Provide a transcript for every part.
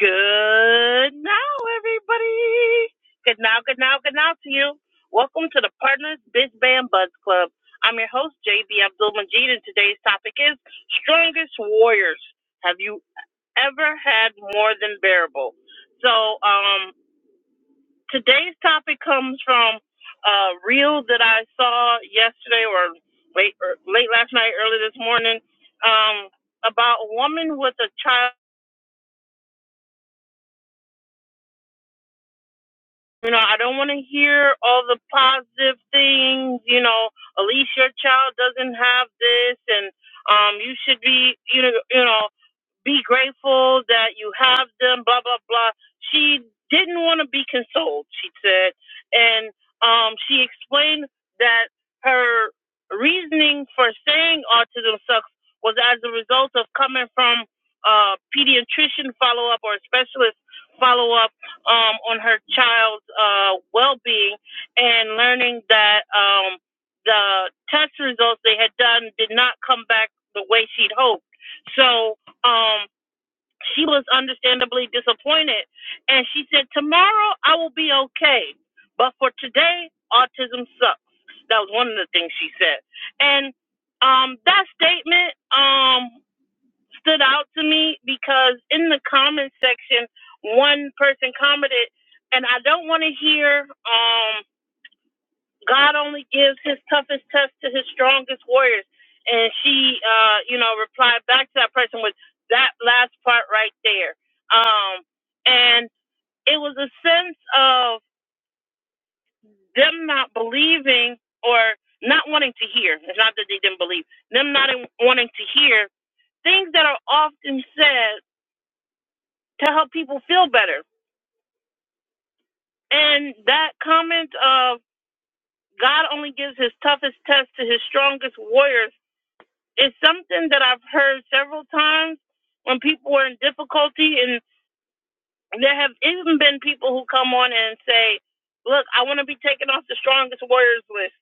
Good now, everybody. Good now, good now, good now to you. Welcome to the Partners Biz Band Buds Club. I'm your host, JB Abdul Majid, and today's topic is Strongest Warriors. Have you ever had more than bearable? So, um, today's topic comes from a reel that I saw yesterday or late, or late last night, early this morning, um, about a woman with a child. You know, I don't want to hear all the positive things. You know, at least your child doesn't have this, and um, you should be, you know, you know, be grateful that you have them. Blah blah blah. She didn't want to be consoled. She said, and um, she explained that her reasoning for saying autism sucks was as a result of coming from a pediatrician follow up or a specialist follow up um, on her child's uh, well-being and learning that um, the test results they had done did not come back the way she'd hoped. So um, she was understandably disappointed, and she said, "Tomorrow I will be okay, but for today, autism sucks." That was one of the things she said, and um, that statement. Um, stood out to me because in the comment section, one person commented, and I don't want to hear, um, God only gives his toughest test to his strongest warriors. And she, uh, you know, replied back to that person with that last part right there. Um, and it was a sense of them not believing or not wanting to hear. It's not that they didn't believe, them not wanting to hear things that are often said to help people feel better. And that comment of God only gives his toughest test to his strongest warriors is something that I've heard several times when people are in difficulty. And there have even been people who come on and say, Look, I want to be taken off the strongest warriors list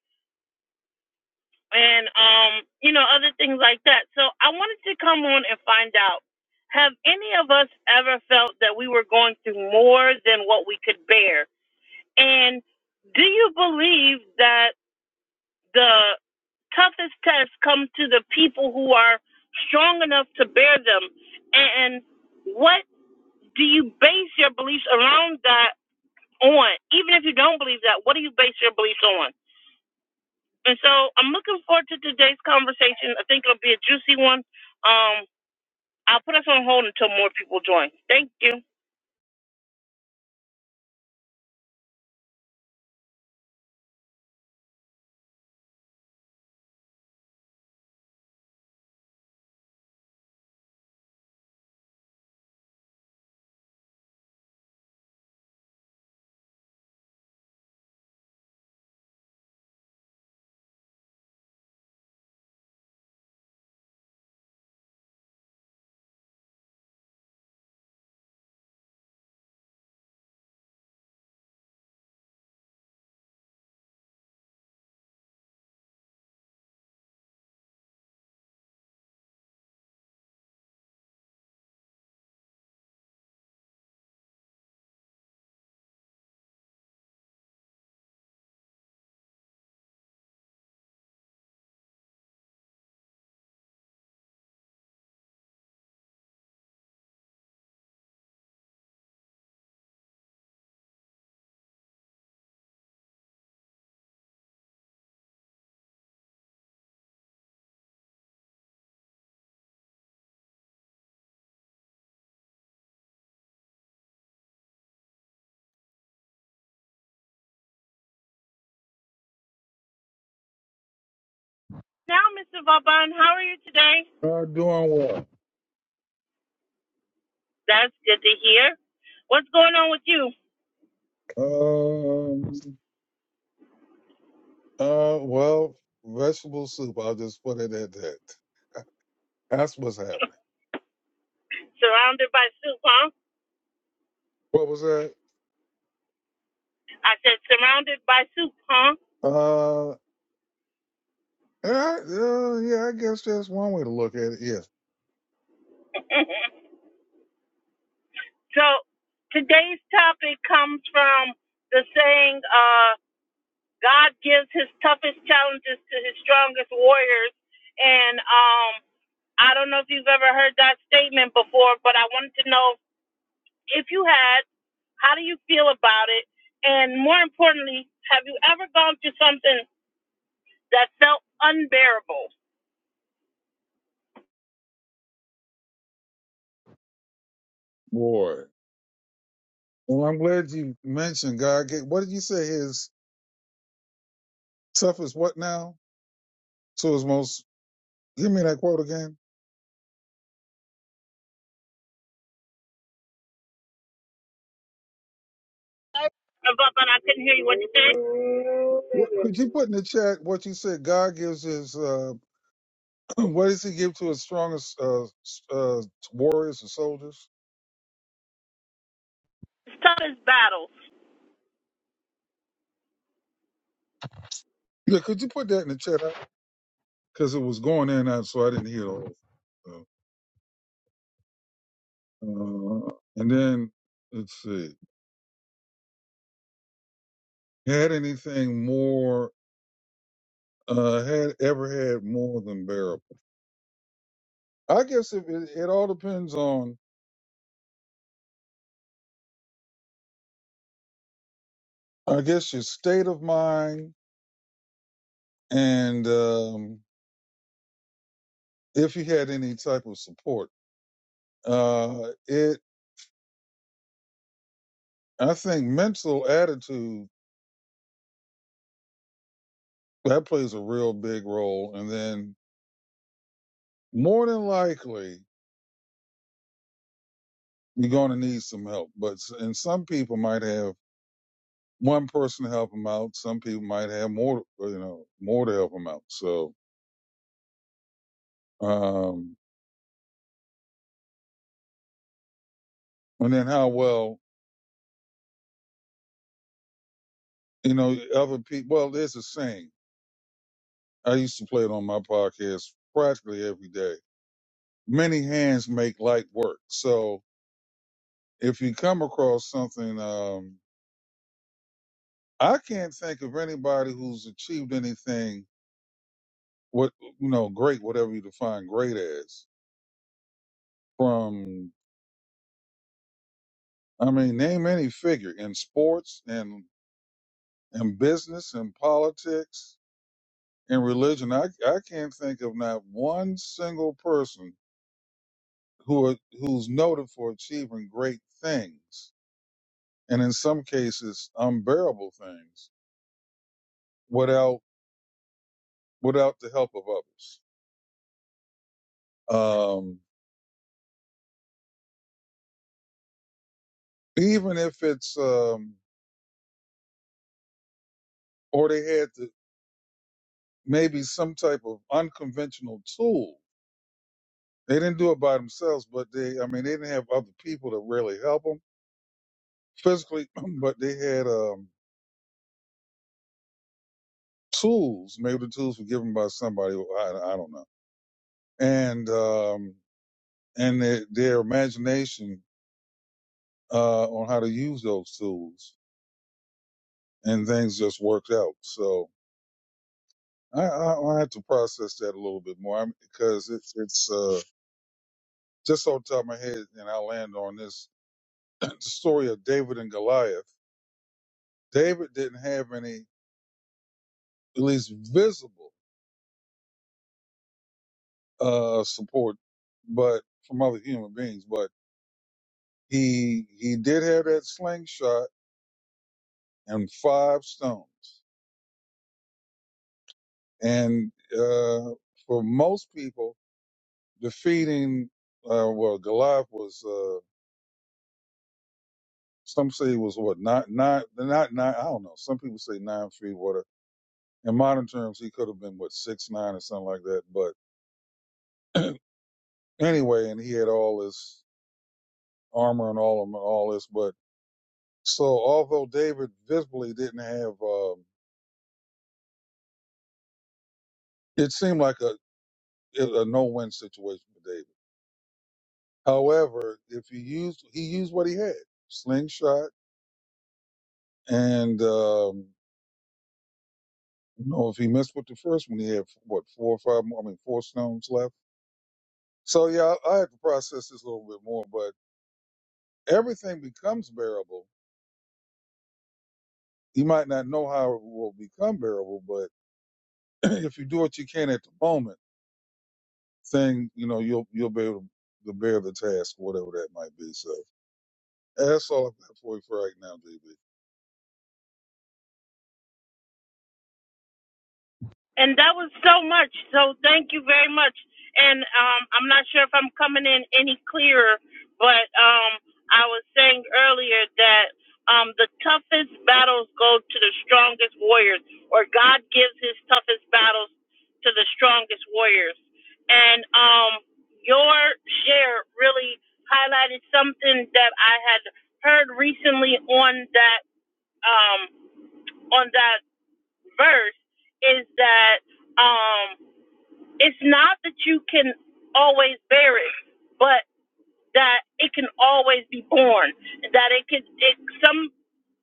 and, um, you know, other things like that. So I wanted to come on and find out have any of us ever felt that we were going through more than what we could bear? And do you believe that the toughest tests come to the people who are strong enough to bear them? And what do you base your beliefs around that on? Even if you don't believe that, what do you base your beliefs on? And so I'm looking forward to today's conversation. I think it'll be a juicy one. Um, I'll put us on hold until more people join. Thank you. Now, Mr. Vauban, how are you today? Uh, doing what? That's good to hear. What's going on with you? Um, uh, well, vegetable soup. I'll just put it at that. That's what's happening. Surrounded by soup, huh? What was that? I said, surrounded by soup, huh? Uh, yeah, uh, yeah. I guess that's one way to look at it. Yeah, so today's topic comes from the saying, uh, God gives his toughest challenges to his strongest warriors. And um, I don't know if you've ever heard that statement before, but I wanted to know if you had, how do you feel about it? And more importantly, have you ever gone through something that felt unbearable? boy. Well, I'm glad you mentioned God. gave- What did you say? His toughest what now? To his most. Give me that quote again. Uh, But but I couldn't hear you. What you say? What, could you put in the chat what you said? God gives his. Uh, what does he give to his strongest uh, s- uh, warriors and soldiers? Toughest battles. Yeah, could you put that in the chat? because it was going in and out, so I didn't hear the whole thing. So, uh, and then let's see, had anything more? Uh, had ever had more than bearable? I guess it, it, it all depends on, I guess, your state of mind and um, if you had any type of support. Uh, it, I think, mental attitude that plays a real big role, and then more than likely you're going to need some help. But s- and some people might have one person to help them out. Some people might have more, uh, you know, more to help them out. So, um, and then how well, you know, other people, well, there's a saying. I used to play it on my podcast practically every day. Many hands make light work. So if you come across something, um, I can't think of anybody who's achieved anything, what, you know, great, whatever you define great as from, I mean, name any figure in sports and in business, in politics, in religion. I I can't think of not one single person who are, who's noted for achieving great things, and in some cases unbearable things, without without the help of others. Um, even if it's um, or they had the, maybe some type of unconventional tool. They didn't do it by themselves, but they I mean they didn't have other people to really help them physically, but they had um, tools. Maybe the tools were given by somebody. well, I, I don't know. And um, and their, their imagination uh, on how to use those tools, and things just worked out. So I, I, I have to process that a little bit more because it's it's uh, just off the top of my head, and I'll land on this: the story of David and Goliath. David didn't have any, at least visible, uh, support, but from other human beings, but he he did have that slingshot and five stones. And uh, for most people, defeating uh, well, Goliath was uh, some say he was what nine nine not nine I don't know. Some people say nine feet. whatever. in modern terms he could have been what six nine or something like that. But anyway, and he had all this armor and all of all this. But so although David visibly didn't have, um, it seemed like a a no win situation for David. However, if he used he used what he had slingshot And um, you know, if he missed with the first one, he had what four or five more. I mean, four stones left. So yeah, I, I had to process this a little bit more. But everything becomes bearable. You might not know how it will become bearable, but if you do what you can at the moment, thing you know, you'll you'll be able to bear the task, whatever that might be. So that's all I've got for you for right now, JB. And that was so much. So thank you very much. And um, I'm not sure if I'm coming in any clearer, but um, I was saying earlier that um, the toughest battles go to the strongest warriors, or God gives his toughest battles to the strongest warriors. And um, your share really highlighted something that I had heard recently on that um, on that verse is that. Um, it's not that you can always bear it, but that it can always be born, that it can it some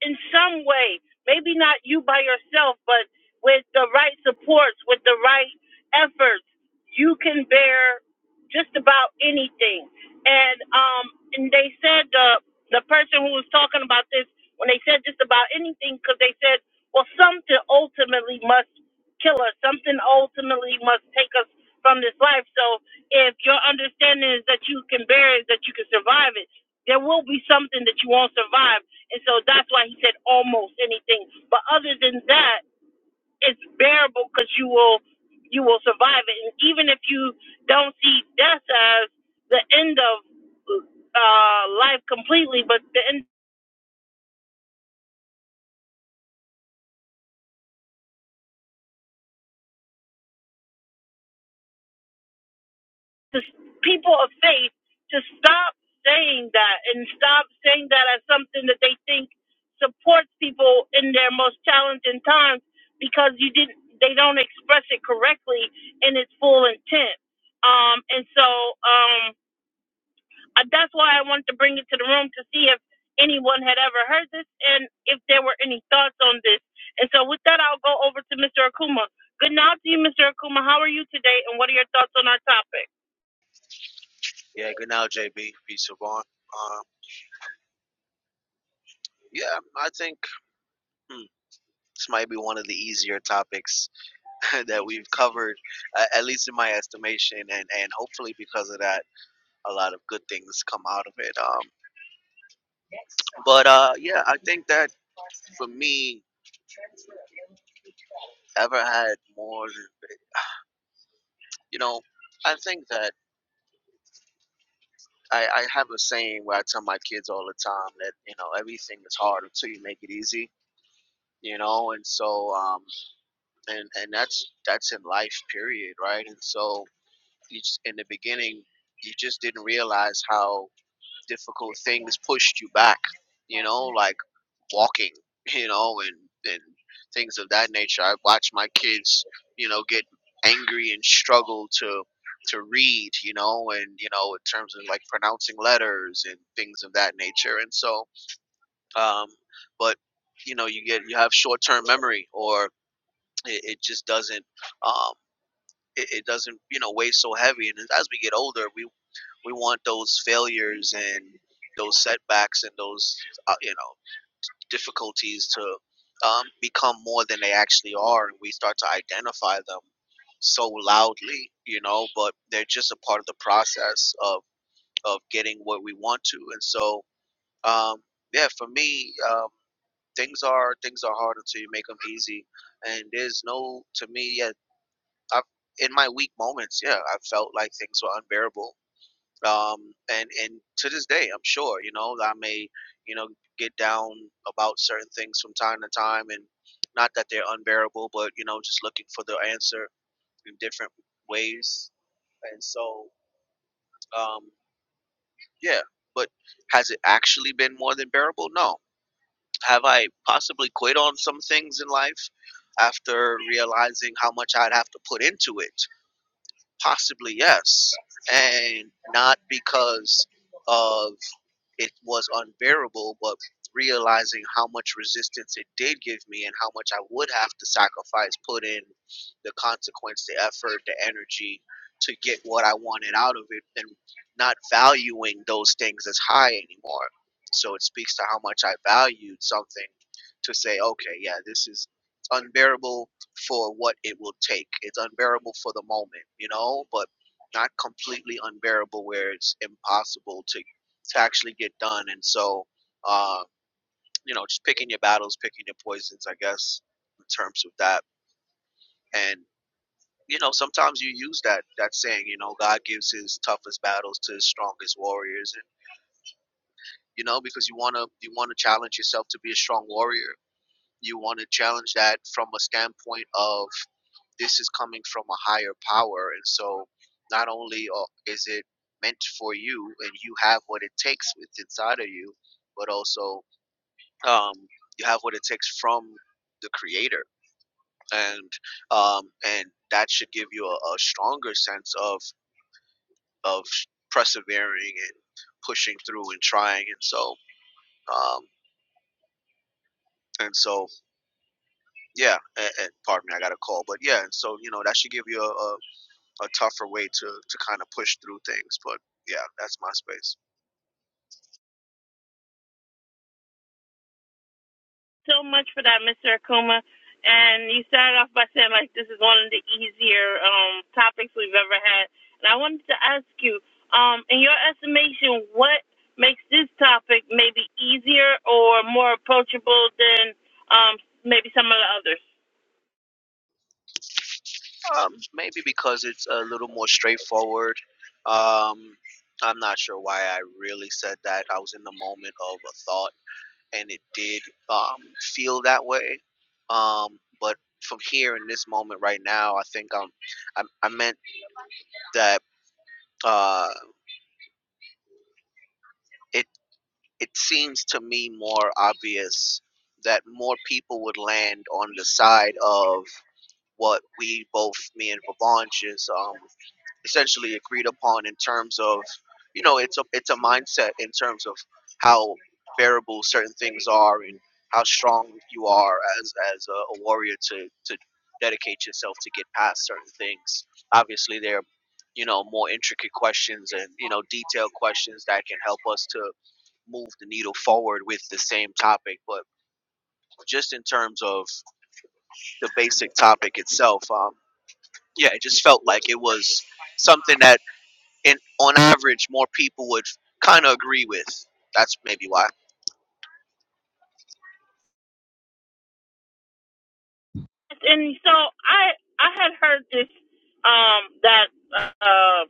in some way, maybe not you by yourself, but with the right supports, with the right efforts, you can bear just about anything. And um and they said the the person who was talking about this when they said just about anything because they said well something ultimately must kill us something ultimately must take us from this life so if your understanding is that you can bear it, that you can survive it, there will be something that you won't survive. And so that's why he said almost anything. But other than that, it's bearable because you will you will survive it. And even if you don't see death as the end of uh, life completely, but the end. to people of faith to stop saying that and stop saying that as something that they think supports people in their most challenging times because you didn't they don't express it correctly in its full intent um and so um I- that's why I wanted to bring it to the room to see if anyone had ever heard this and if there were any thoughts on this and so with that I'll go over to Mr. Akuma good night to you Mr. Akuma how are you today and what are your thoughts on our topic Yeah, good now, JB. Peace of all. Um, yeah, I think hmm, this might be one of the easier topics that we've covered, uh, at least in my estimation, and, and hopefully because of that, a lot of good things come out of it. Um, but uh, yeah, I think that for me, ever had more, than- you know, I think that I, I have a saying where I tell my kids all the time that, you know, everything is hard until you make it easy, you know, and so. Um, and and that's that's in life period right and so you just, in the beginning you just didn't realize how difficult things pushed you back you know like walking you know and and things of that nature i watch my kids you know get angry and struggle to to read you know and you know in terms of like pronouncing letters and things of that nature and so um but you know you get you have short-term memory or it, it just doesn't um, it, it doesn't you know weigh so heavy and as we get older we we want those failures and those setbacks and those uh, you know difficulties to um, become more than they actually are and we start to identify them so loudly you know but they're just a part of the process of of getting what we want to and so um, yeah for me um, things are things are hard until you make them easy and there's no to me yeah I've, in my weak moments, yeah, I felt like things were unbearable. Um, and and to this day, I'm sure you know I may you know get down about certain things from time to time, and not that they're unbearable, but you know just looking for the answer in different ways. And so, um, yeah. But has it actually been more than bearable? No. Have I possibly quit on some things in life after realizing how much I'd have to put into it? Possibly yes, and not because of it was unbearable, but realizing how much resistance it did give me and how much I would have to sacrifice, put in the consequence, the effort, the energy to get what I wanted out of it, and not valuing those things as high anymore. So it speaks to how much I valued something to say, okay, yeah, this is unbearable for what it will take. It's unbearable for the moment, you know, but not completely unbearable where it's impossible to to actually get done. And so, uh, you know, just picking your battles, picking your poisons, I guess, in terms of that. And you know, sometimes you use that that saying, you know, God gives His toughest battles to His strongest warriors, and you know, because you wanna you wanna challenge yourself to be a strong warrior. You want to challenge that from a standpoint of this is coming from a higher power, and so not only uh, is it meant for you, and you have what it takes with inside of you, but also um, you have what it takes from the creator and um, and that should give you a, a stronger sense of of persevering and pushing through and trying and so um, and so yeah and, and pardon me i got a call but yeah and so you know that should give you a, a, a tougher way to to kind of push through things but yeah that's my space so much for that, Mr. Akuma. And you started off by saying like this is one of the easier um, topics we've ever had. And I wanted to ask you, um, in your estimation, what makes this topic maybe easier or more approachable than um, maybe some of the others? um, maybe because it's a little more straightforward um, i'm not sure why i really said that i was in the moment of a thought and it did um, feel that way. Um, but from here in this moment right now, I think um, I, I meant that uh, it it seems to me more obvious that more people would land on the side of what we both, me and Vaban, just um, essentially agreed upon in terms of you know it's a it's a mindset in terms of how bearable certain things are and how strong you are as as a, a warrior to to dedicate yourself to get past certain things obviously there are you know more intricate questions and you know detailed questions that can help us to move the needle forward with the same topic but just in terms of the basic topic itself um yeah it just felt like it was something that and on average, more people would kind of agree with. That's maybe why. and so I I had heard this um that uh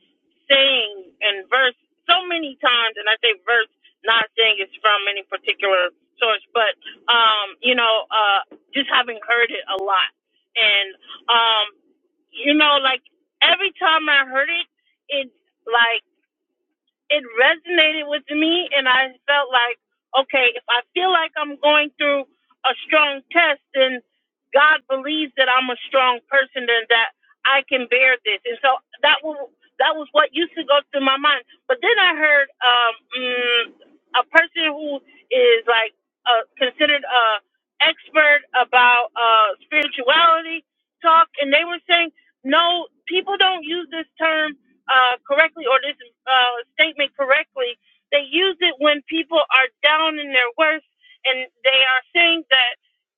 saying and verse so many times, and I say verse not saying it's from any particular source, but um you know uh just having heard it a lot, and um you know like every time I heard it, it like it resonated with me and I felt like, okay, if I feel like I'm going through a strong test, then God believes that I'm a strong person and that I can bear this. And so that was that was what used to go through my mind. But then I heard um, mm, a person who is like uh, considered a expert about uh, spirituality talk, and they were saying, no, people don't use this term uh, correctly or this uh, statement correctly. They use it when people are down in their worst and they are saying that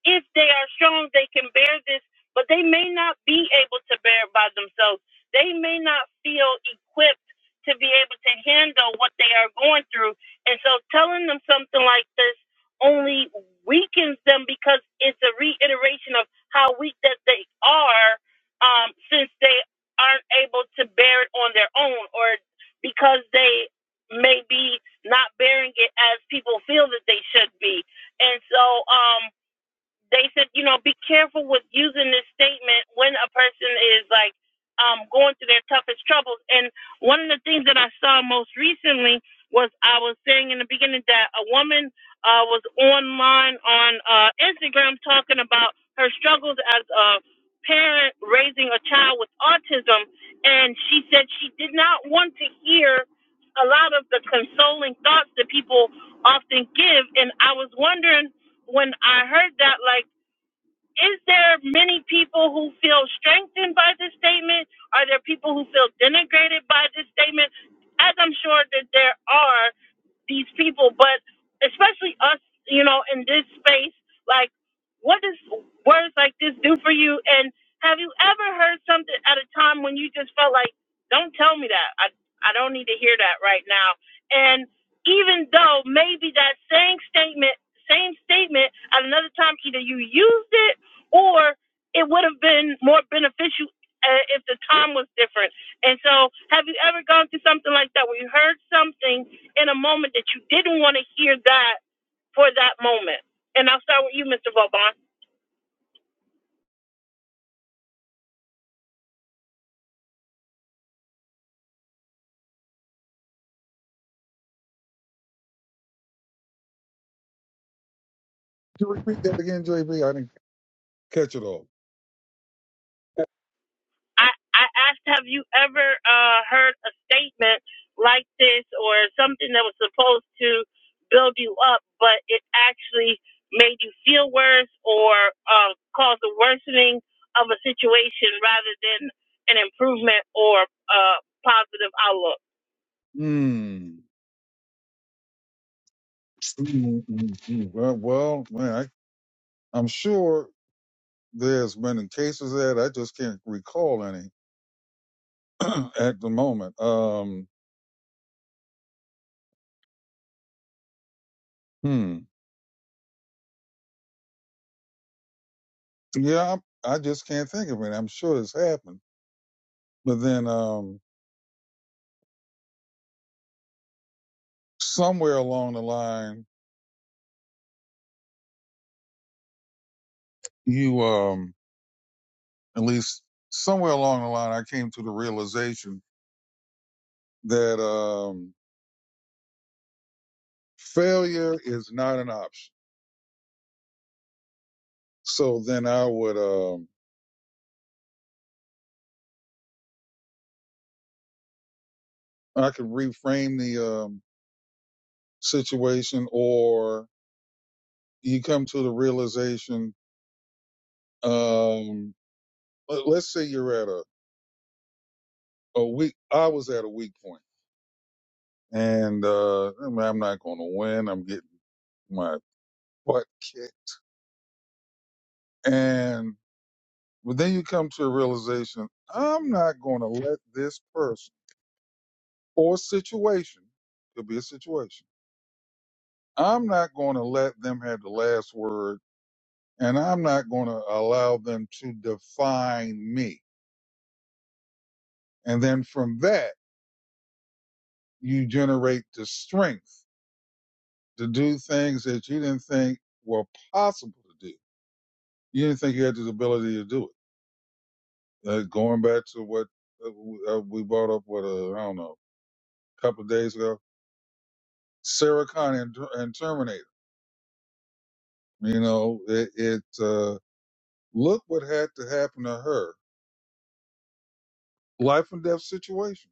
if they are strong, they can bear this, but they may not be able to bear it by themselves. They may not feel equipped to be able to handle what they are going through. And so telling them something like this only weakens them because it's a reiteration of how weak that they are um, since they aren't able to bear it on their own or because they may be not bearing it as people feel that they should be. And so um, they said, you know, be careful with using this statement when a person is like um, going through their toughest troubles. And one of the things that I saw most recently was I was saying in the beginning that a woman uh, was online on uh, Instagram talking about her struggles as a parent raising a child with autism. And she said she did not want to hear a lot of the consoling thoughts that people often give. And I was wondering when I heard that, like is there many people who feel strengthened by this statement? Are there people who feel denigrated by this statement? As I'm sure that there are these people, but especially us, you know, in this space, like, what does words like this do for you? And have you ever heard something at a time when you just felt like, don't tell me that? I, I don't need to hear that right now. And even though maybe that same statement, same statement at another time, either you used it or it would have been more beneficial uh, if the time was different. And so, have you ever gone through something like that where you heard something in a moment that you didn't want to hear that for that moment? And I'll start with you, Mr. Vauban. Could you repeat that again, JB? I didn't catch it all. I, I asked, have you ever uh, heard a statement like this or something that was supposed to build you up, but it actually made you feel worse or uh, caused a worsening of a situation rather than an improvement or a positive outlook? Hmm. Mm, mm, mm. Well, well, man, I, I'm sure there's been cases that I just can't recall any at the moment. Um, hmm. Yeah, I, I just can't think of it. I'm sure it's happened, but then um, somewhere along the line, you um, at least somewhere along the line, I came to the realization that um, failure is not an option. So then I would um, I could reframe the um, situation, or you come to the realization. Um, let- let's say you're at a, a weak I was at a weak point and uh I mean, I'm not gonna win, I'm getting my butt kicked. And but then you come to a realization, I'm not gonna let this person or situation could be a situation. I'm not gonna let them have the last word and I'm not gonna allow them to define me. And then from that you generate the strength to do things that you didn't think were possible to do you didn't think he had this ability to do it. Uh, going back to what uh, w- uh, we brought up, what uh, I don't know, a couple of days ago, Sarah Connor and, and Terminator. You know, it, it uh, look what had to happen to her, life and death situation.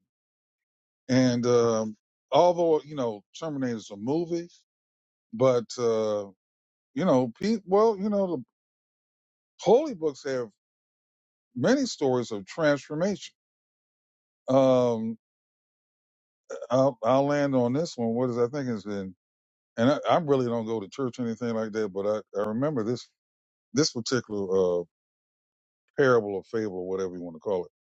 And um, although you know, Terminator's a movie, but uh, you know, pe- well, you know, the holy books have many stories of transformation. Um, I'll, I'll land on this one. What is I think is in and I, I really don't go to church or anything like that, but I, I remember this this particular uh, parable or fable or whatever you want to call it.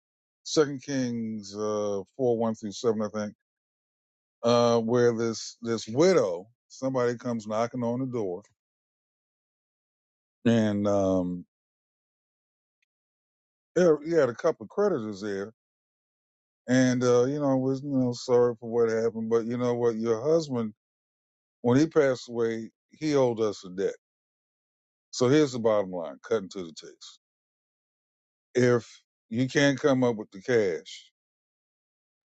Second Kings uh, four one through seven, I think, uh, where this this widow somebody comes knocking on the door, and um, yeah, he had a couple of creditors there, and uh, you know was you know sorry for what happened, but you know what, your husband when he passed away, he owed us a debt. So here's the bottom line, cutting to the chase. If you can't come up with the cash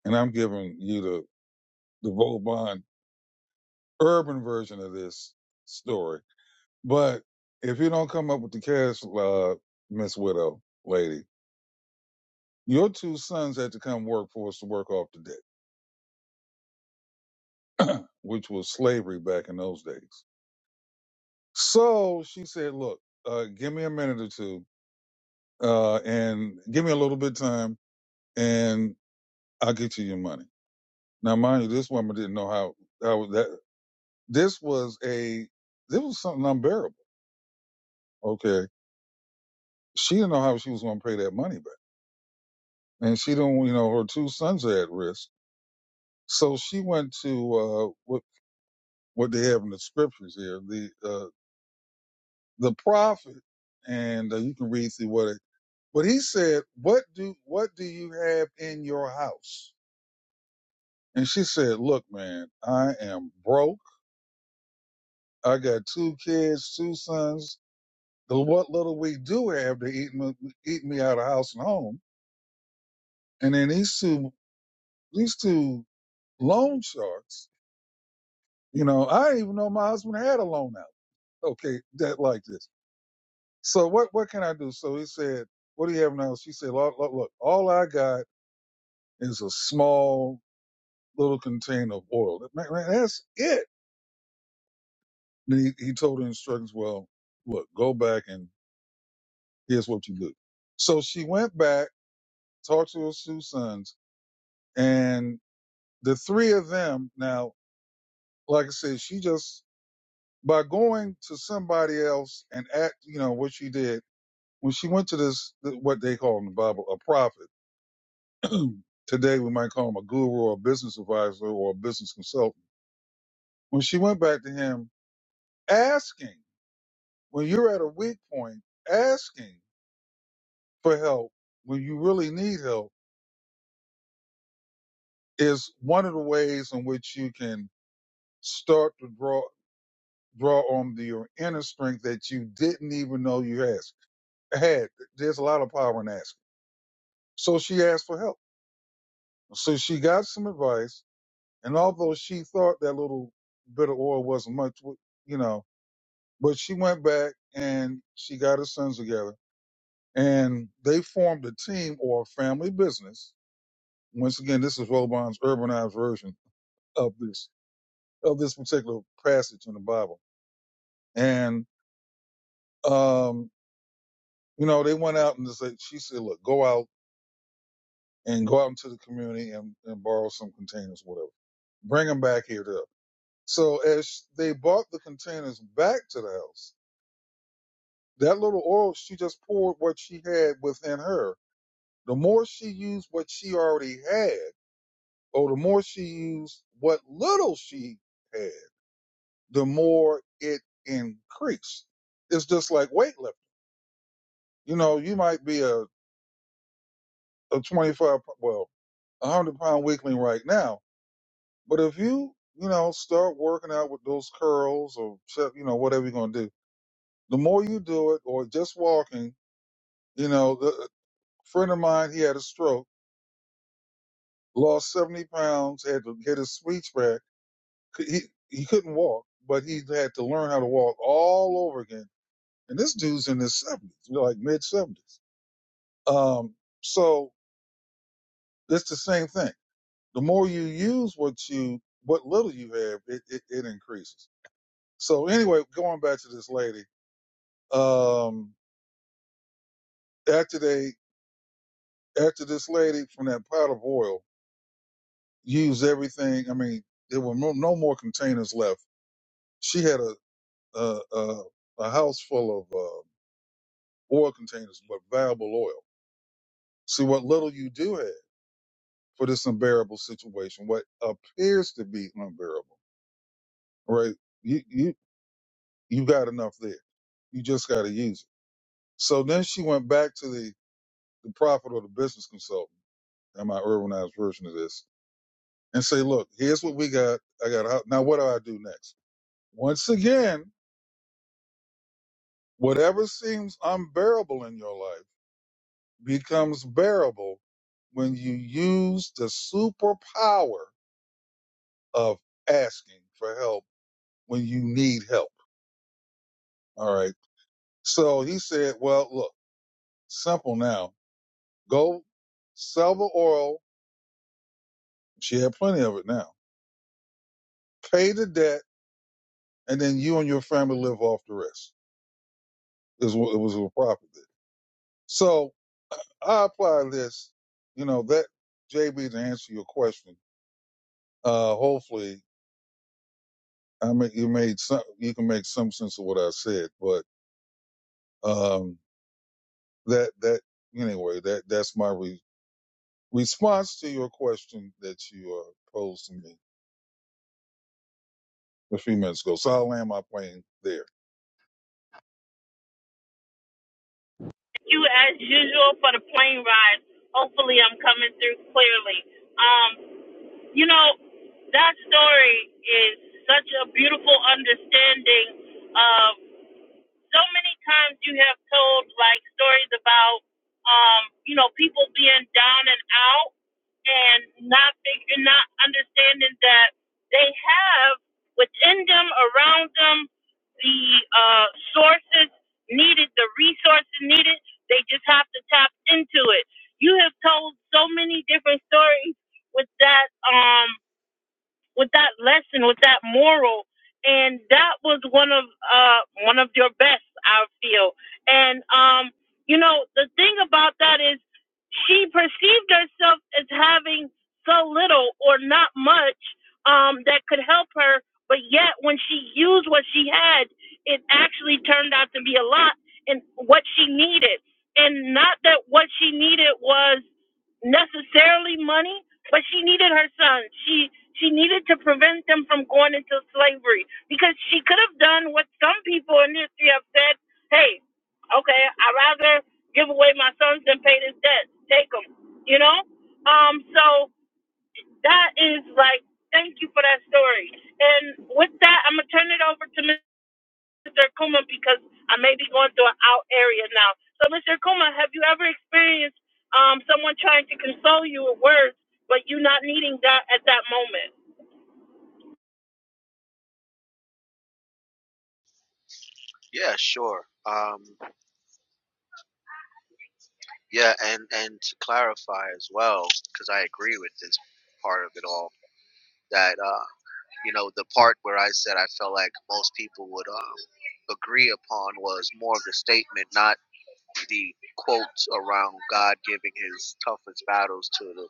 and I'm giving you the the Vauban urban version of this story. But if you don't come up with the cash, uh, Miss Widow lady, your two sons had to come work for us to work off the debt, which was slavery back in those days. So she said, "Look, uh, give me a minute or two, uh, and give me a little bit of time, and I'll get you your money." Now, mind you, this woman didn't know how how that. This was a this was something unbearable. Okay, she didn't know how she was going to pay that money back, and she don't, you know, her two sons are at risk. So she went to uh, what what they have in the scriptures here, the uh, the prophet, and uh, you can read through what it. But he said, "What do what do you have in your house?" And she said, "Look, man, I am broke. I got two kids, two sons. The what little we do have to eat me, eat me out of house and home." And then these two these two loan sharks You know, I didn't even know my husband had a loan out. Okay, that like this. So what what can I do? So he said, "What do you have now?" She said, "Look, look, look all I got is a small little container of oil. Man, man, that's it." And he, he told her instructions. Well, look, go back and here's what you do. So she went back, talked to her two sons, and the three of them. Now, like I said, she just by going to somebody else and act, you know, what she did when she went to this, what they call in the Bible, a prophet, today we might call him a guru or a business advisor or a business consultant. When she went back to him asking, when you're at a weak point, asking for help when you really need help is one of the ways in which you can start to draw draw on the, your inner strength that you didn't even know you had. had. There's a lot of power in asking. So she asked for help. So she got some advice And although she thought that little bit of oil wasn't much, you know, but she went back and she got her sons together and they formed a team or a family business. Once again, this is Robon's urbanized version of this, of this particular passage in the Bible. And, um, you know, they went out and just said, she said, look, go out and go out into the community and, and borrow some containers, whatever. Bring them back here to, us. so as they brought the containers back to the house, That little oil, she just poured what she had within her. The more she used what she already had, or the more she used what little she had, the more it increased. It's just like weightlifting. You know, you might be a, a 25, well, a 100 pound weakling right now, but if you, you know, start working out with those curls or, shut- you know, whatever you're going to do, the more you do it or just walking, you know, the, a friend of mine, he had a stroke lost 70 pounds, had to get his speech back. Could- He, he couldn't walk, but he had to learn how to walk all over again. And this dude's in his 70s, you know, like mid 70s. Um, so it's the same thing. The more you use what you, what little you have, it, it, it increases. So anyway, going back to this lady, um, after they, after this lady from that pot of oil used everything, I mean, there were no, no more containers left. She had a uh, uh, a house full of uh, oil containers with valuable oil. See what little you do have for this unbearable situation, what appears to be unbearable, right? You you you got enough there. You just got to use it. So then she went back to the the prophet or the business consultant, and my urbanized version of this, and say, look, here's what we got. I got a house. now. What do I do next? Once again, whatever seems unbearable in your life becomes bearable when you use the superpower of asking for help when you need help. All right. So he said, well, look, simple now. Go sell the oil. She had plenty of it now. Pay the debt, and then you and your family live off the rest. Is what it was A profit did. So I apply this, you know, that JB to answer your question. Uh, hopefully, I mean, you made some, you can make some sense of what I said, but Um, that that anyway, that that's my re- response to your question that you uh, posed to me a few minutes ago. So I'll land my plane there. Thank You, as usual, for the plane ride. Hopefully, I'm coming through clearly. Um, you know, that story is such a beautiful understanding of. so many times you have told like stories about um, you know, people being down and out and not figuring not understanding that they have within them, around them, the uh sources needed, the resources needed. They just have to tap into it. You have told so many different stories with that um, with that lesson, with that moral, and that was one of uh one of your best, I feel. And um, you know, the thing about that is she perceived herself as having so little or not much um that could help her, but yet when she used what she had, it actually turned out to be a lot in what she needed. And not that what she needed was necessarily money, but she needed her son. She she needed to prevent them from going into slavery because she could have done what some people in history have said. Hey, okay, I'd rather give away my sons than pay this debt. Take them, you know. Um, so that is like, thank you for that story. And with that, I'm gonna turn it over to Mr. Mr. Kuma because I may be going through an out area now. So, Mr. Kuma, have you ever experienced um, someone trying to console you with words, but you not needing that at that moment? Yeah, sure. Um, yeah, and and to clarify as well, because I agree with this part of it all. That uh, you know, the part where I said I felt like most people would um, agree upon was more of the statement, not the quotes around God giving His toughest battles to the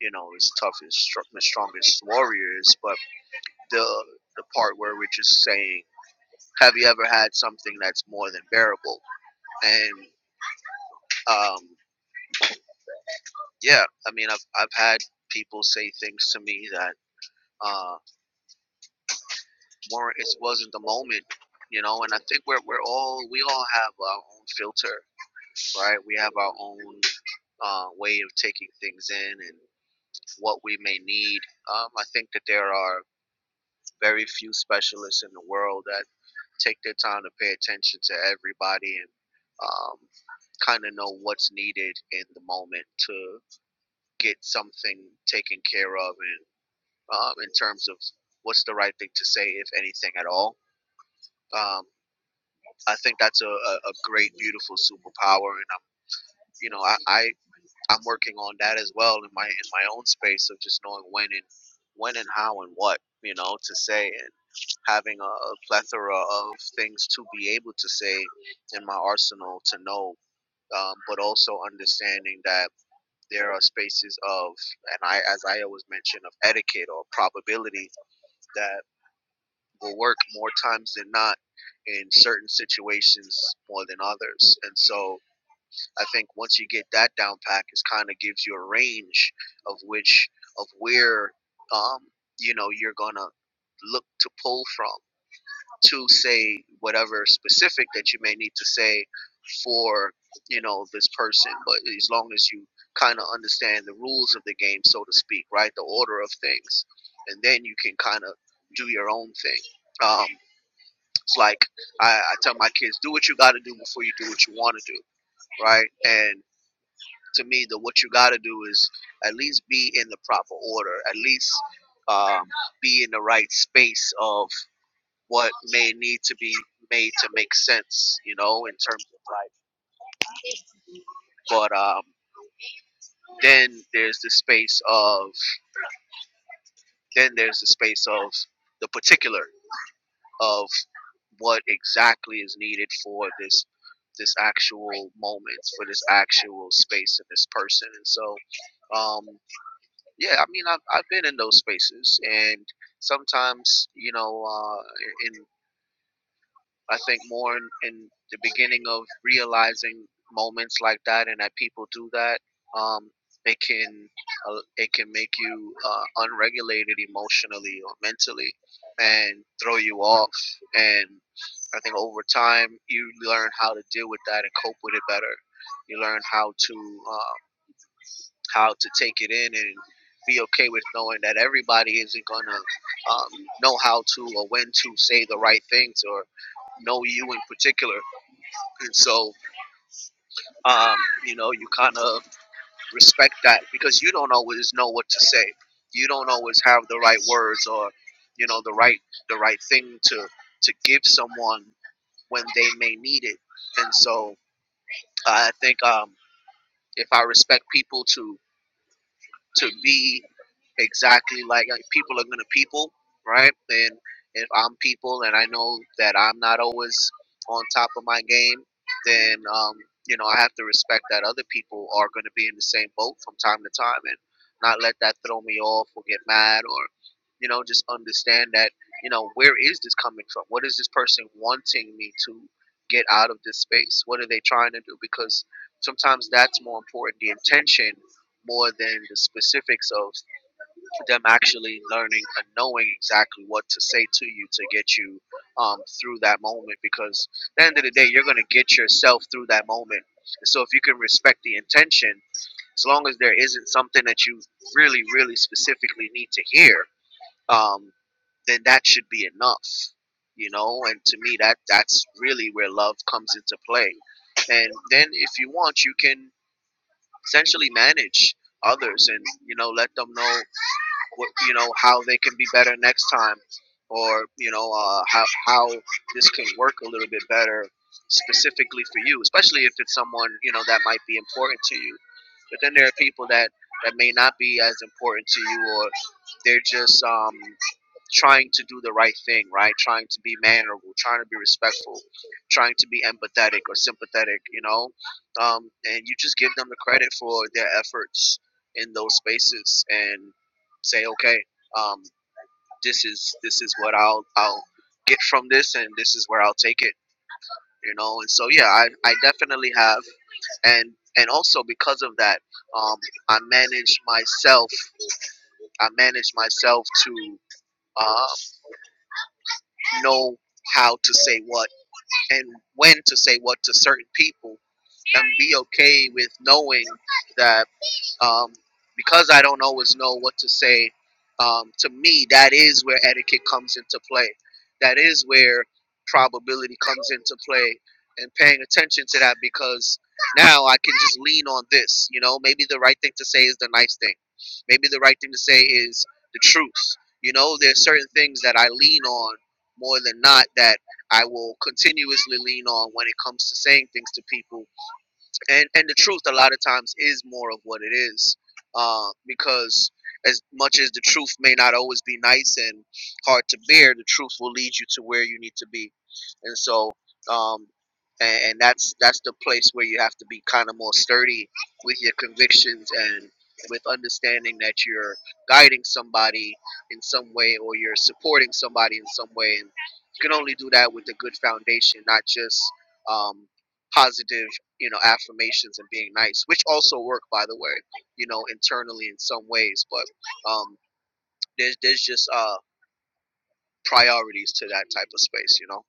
you know His toughest, str- strongest warriors, but the the part where we're just saying have you ever had something that's more than bearable? And um, yeah, I mean, I've I've had people say things to me that uh, weren't it wasn't the moment, you know. And I think we're we're all we all have our own filter, right? We have our own uh, way of taking things in and what we may need. Um, I think that there are very few specialists in the world that. take their time to pay attention to everybody and um, kind of know what's needed in the moment to get something taken care of and um, in terms of what's the right thing to say if anything at all um, i think that's a, a, great beautiful superpower and i'm you know I, I i'm working on that as well in my in my own space of just knowing when and when and how and what you know to say and having a, a plethora of things to be able to say in my arsenal to know, um, but also understanding that there are spaces of, and I, as I always mention, of etiquette or probability that will work more times than not in certain situations more than others. And so I think once you get that down pack, it kind of gives you a range of which, of where, um, you know, you're going to look to pull from to say whatever specific that you may need to say for you know this person but as long as you kind of understand the rules of the game so to speak right the order of things and then you can kind of do your own thing um, it's like I, I tell my kids do what you got to do before you do what you want to do right and to me the what you got to do is at least be in the proper order at least um, be in the right space of what may need to be made to make sense, you know, in terms of life. But um, then there's the space of then there's the space of the particular of what exactly is needed for this this actual moment for this actual space and this person and so um yeah i mean i've, I've been in those spaces and sometimes you know uh in I think more in, in the beginning of realizing moments like that and that people do that, um, it can uh, it can make you uh, unregulated emotionally or mentally and throw you off. And I think over time you learn how to deal with that and cope with it better. You learn how to uh, how to take it in and be okay with knowing that everybody isn't gonna um, know how to or when to say the right things or know you in particular. And so, um, you know, you kind of respect that because you don't always know what to say. You don't always have the right words or, you know, the right the right thing to to give someone when they may need it. And so, I think um, if I respect people to to be exactly like, like people are gonna people, right? And if I'm people and I know that I'm not always on top of my game, then um, you know I have to respect that other people are gonna be in the same boat from time to time and not let that throw me off or get mad or you know just understand that you know where is this coming from? What is this person wanting me to get out of this space? What are they trying to do? Because sometimes that's more important the intention more than the specifics of them actually learning and knowing exactly what to say to you to get you um, through that moment because at the end of the day you're going to get yourself through that moment and so if you can respect the intention as long as there isn't something that you really really specifically need to hear um, then that should be enough you know and to me that that's really where love comes into play and then if you want you can essentially manage others and you know let them know what you know how they can be better next time or you know uh, how how this can work a little bit better specifically for you especially if it's someone you know that might be important to you but then there are people that that may not be as important to you or they're just um trying to do the right thing, right? Trying to be mannerable, trying to be respectful, trying to be empathetic or sympathetic, you know? Um, and you just give them the credit for their efforts in those spaces and say, okay, um, this is this is what I'll I'll get from this and this is where I'll take it, you know? And so yeah, I, I definitely have and and also because of that, um, I manage myself I manage myself to uh, know how to say what and when to say what to certain people and be okay with knowing that um, because I don't always know what to say, um, to me, that is where etiquette comes into play. That is where probability comes into play and paying attention to that because now I can just lean on this. You know, maybe the right thing to say is the nice thing. Maybe the right thing to say is the truth. You know, there's certain things that I lean on more than not that I will continuously lean on when it comes to saying things to people and and the truth a lot of times is more of what it is uh, because as much as the truth may not always be nice and hard to bear the truth will lead you to where you need to be and so um and, and that's that's the place where you have to be kind of more sturdy with your convictions and with understanding that you're guiding somebody in some way or you're supporting somebody in some way and you can only do that with a good foundation not just um, positive you know affirmations and being nice which also work by the way you know internally in some ways but um there's there's just uh priorities to that type of space you know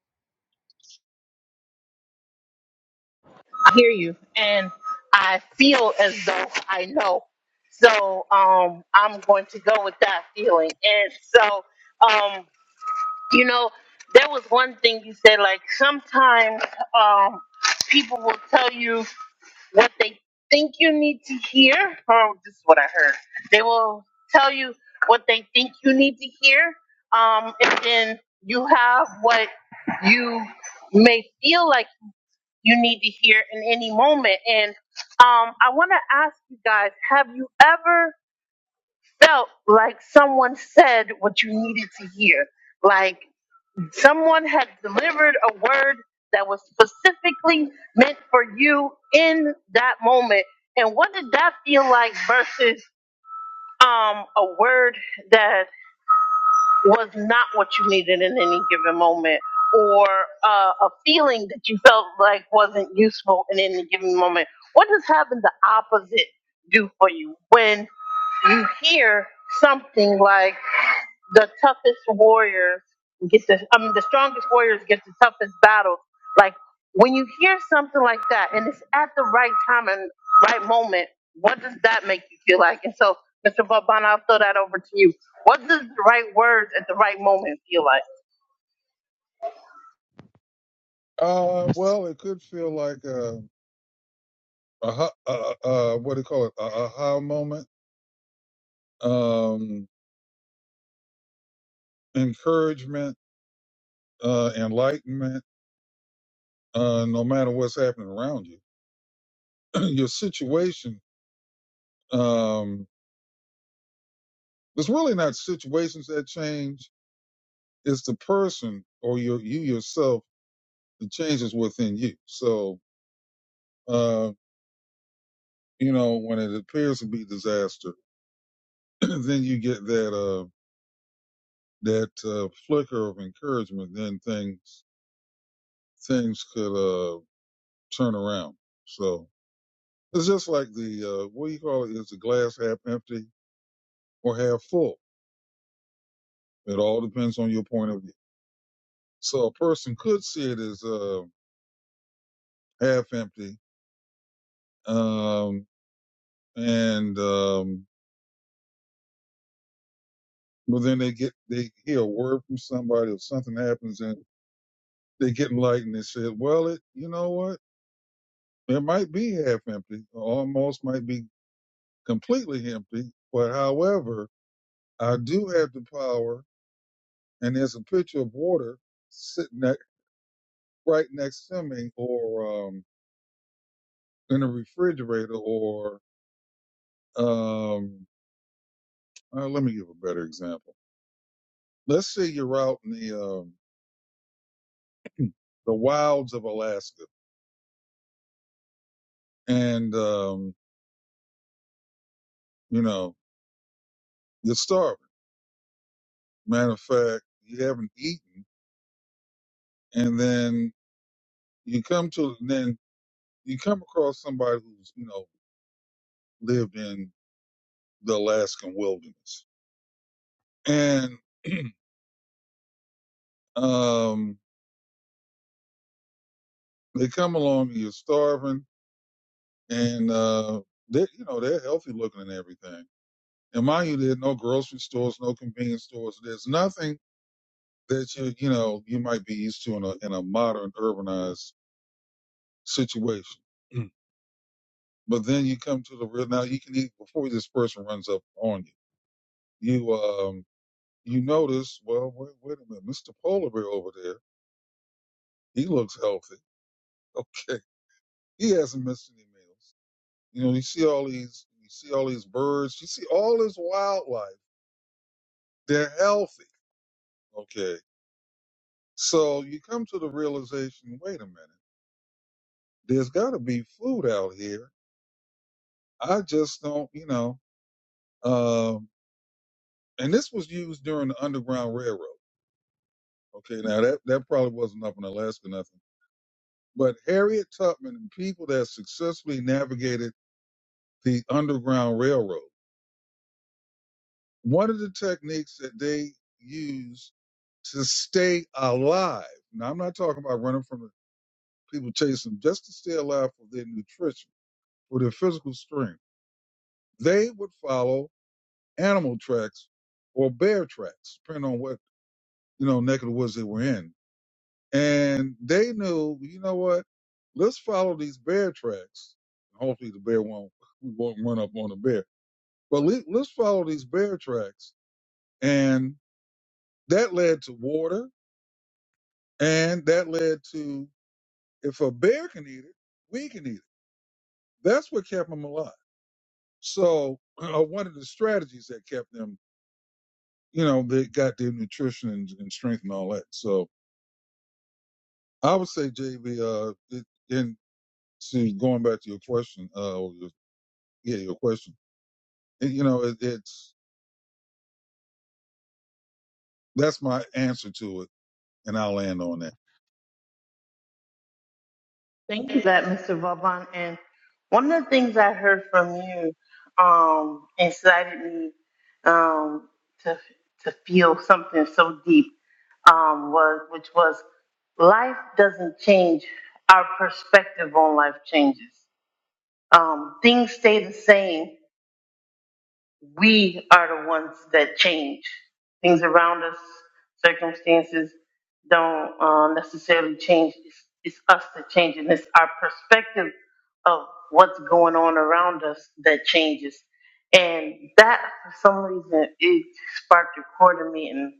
I hear you, and I feel as though I know. So um, I'm going to go with that feeling. And so, um, you know, there was one thing you said, like sometimes um, people will tell you. what they think you need to hear, Oh, this is what I heard. They will tell you what they think you need to hear, um, and then you have what you may feel like you need to hear in any moment. And um, I want to ask you guys: Have you ever felt like someone said what you needed to hear? Like Someone had delivered a word that was specifically meant for you in that moment. And what did that feel like versus um, a word that? was not what you needed in any given moment or uh, a feeling that you felt like wasn't useful in any given moment. What does having the opposite do for you when you hear something like the toughest warriors get the I mean the strongest warriors get the toughest battles. Like when you hear something like that and it's at the right time and right moment, what does that make you feel like? And so, Mr. Vauban, I'll throw that over to you. What does the right words at the right moment feel like? Uh, well, it could feel like a, a, ha- a, a, a what do you call it? A aha moment, um, encouragement, uh, enlightenment. Uh, no matter what's happening around you, your situation. Um, it's really not situations that change. It's the person or your you yourself The change is within you. So, uh, you know, when it appears to be disaster, then you get that, uh, that, uh, flicker of encouragement, then things, things could, uh, turn around. So it's just like the, uh, what do you call it? Is the glass half empty or half full? It all depends on your point of view. So a person could see it as, uh, half empty. Um, and, um, well, then they get they hear a word from somebody or something happens and. They get enlightened and said, well, it, you know what? It might be half empty, or almost might be completely empty. But however, I do have the power, and there's a pitcher of water sitting ne- right next to me, or um, in a refrigerator, or um, uh, let me give a better example. Let's say you're out in the um, the wilds of Alaska, and um, you know you're starving. Matter of fact, you haven't eaten, and then You come to then you come across somebody who's you know lived in the Alaskan wilderness, and um, they come along and you're starving, and uh, they you know they're healthy looking and everything. And mind you, there are no grocery stores, no convenience stores. There's nothing that you you know you might be used to in a in a modern urbanized situation. Mm. But then you come to the real now. You can eat before this person runs up on you. You um you notice, well, wait, wait a minute, Mr. Polar Bear over there, he looks healthy. Okay, he hasn't missed any meals. You know, you see all these, you see all these birds, you see all this wildlife. They're healthy. Okay, so you come to the realization, wait a minute, there's got to be food out here. I just don't, you know. Um, and this was used during the Underground Railroad. Okay, now that that probably wasn't up in Alaska, nothing. But Harriet Tubman and people that successfully navigated the Underground Railroad. One of the techniques that they use to stay alive, now I'm not talking about running from the people chasing them, just to stay alive for their nutrition, for their physical strength, they would follow animal tracks or bear tracks, depending on what, you know, neck of the woods they were in. And they knew, you know what, let's follow these bear tracks. Hopefully the bear won't, we won't run up on the bear, but le- let's follow these bear tracks. And That led to water, and that led to if a bear can eat it, we can eat it. That's what kept them alive. So one of the strategies that kept them, you know, they got their nutrition and, and strength and all that. So I would say, JB, uh, it, and see, going back to your question, uh, or your, yeah, your question, it, you know, it, it's that's my answer to it, and I'll land on that. Thank you, for that Mr. Vauban. And one of the things I heard from you um, incited me um, to to feel something so deep um, was which was life doesn't change. Our perspective on life changes. Um, things stay the same, we are the ones that change. Things around us, circumstances don't uh, necessarily change. It's, it's us that change, and it's our perspective of what's going on around us that changes. And that, for some reason, it sparked a chord in me, and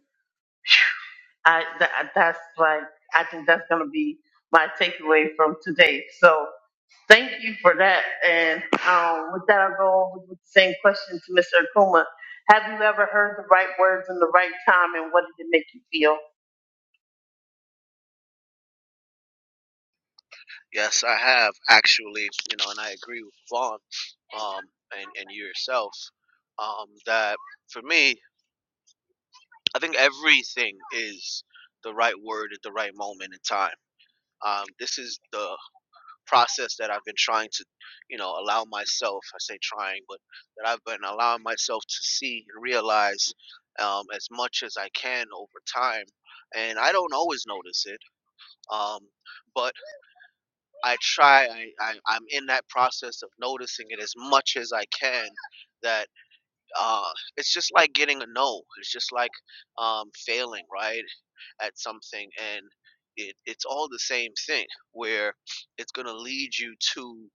I th- that's like I think that's going to be my takeaway from today. So thank you for that. And um, with that, I'll go on with the same question to Mr. Akuma. Have you ever heard the right words in the right time, and what did it make you feel? yes i have actually you know and i agree with vaughn um and and you yourself um that for me i think everything is the right word at the right moment in time um this is the process that I've been trying to, you know, allow myself, I say trying, but that I've been allowing myself to see and realize um, as much as I can over time. And I don't always notice it, um, but I try, I, I, I'm in that process of noticing it as much as I can that uh, it's just like getting a no. It's just like um, failing, right, at something, and it, it's all the same thing. Where it's gonna lead you to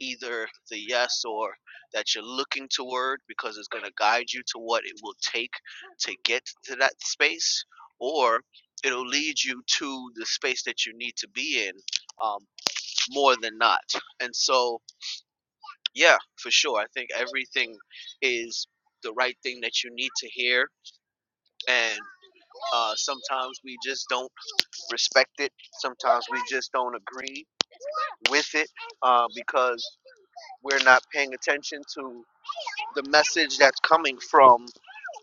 either the yes or that you're looking toward, because it's gonna guide you to what it will take to get to that space, or it'll lead you to the space that you need to be in um, more than not. And so yeah, for sure. I think everything is the right thing that you need to hear, and uh, sometimes we just don't respect it. Sometimes we just don't agree with it uh, because we're not paying attention to the message that's coming from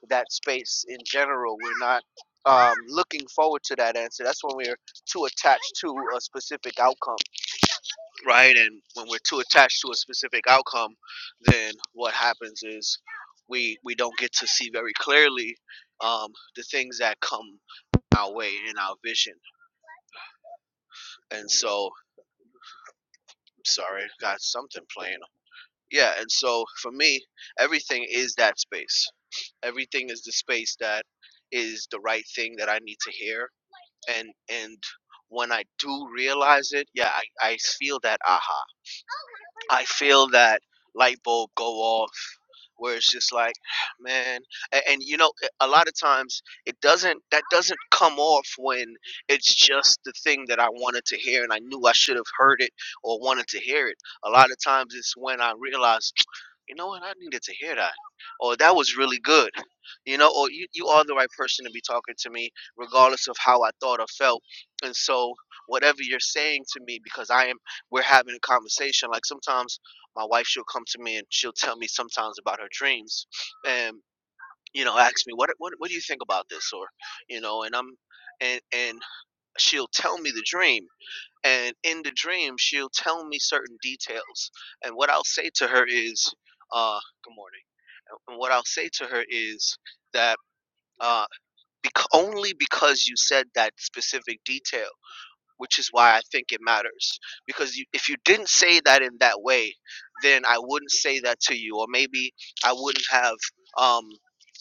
that space in general. We're not um, looking forward to that answer. That's when we're too attached to a specific outcome. right? And when we're too attached to a specific outcome, then what happens is we we don't get to see very clearly um, the things that come our way in our vision. And so, sorry, got something playing. Yeah, and so for me, everything is that space. Everything is the space that is the right thing that I need to hear and and when I do realize it, yeah, I, I feel that aha. I feel that light bulb go off where it's just like, man, and, and you know, a lot of times it doesn't that doesn't come off when it's just the thing that I wanted to hear and I knew I should have heard it or wanted to hear it. A lot of times it's when I realize, you know what, I needed to hear that. Or that was really good you know or you, you are the right person to be talking to me regardless of how i thought or felt and so whatever you're saying to me because i am we're having a conversation like sometimes my wife she'll come to me and she'll tell me sometimes about her dreams and you know ask me what what, what do you think about this or you know and i'm and and she'll tell me the dream and in the dream she'll tell me certain details and what i'll say to her is uh good morning and what i'll say to her is that uh bec- only because you said that specific detail, which is why I think it matters. Because you, if you didn't say that in that way, then I wouldn't say that to you, or maybe I wouldn't have um,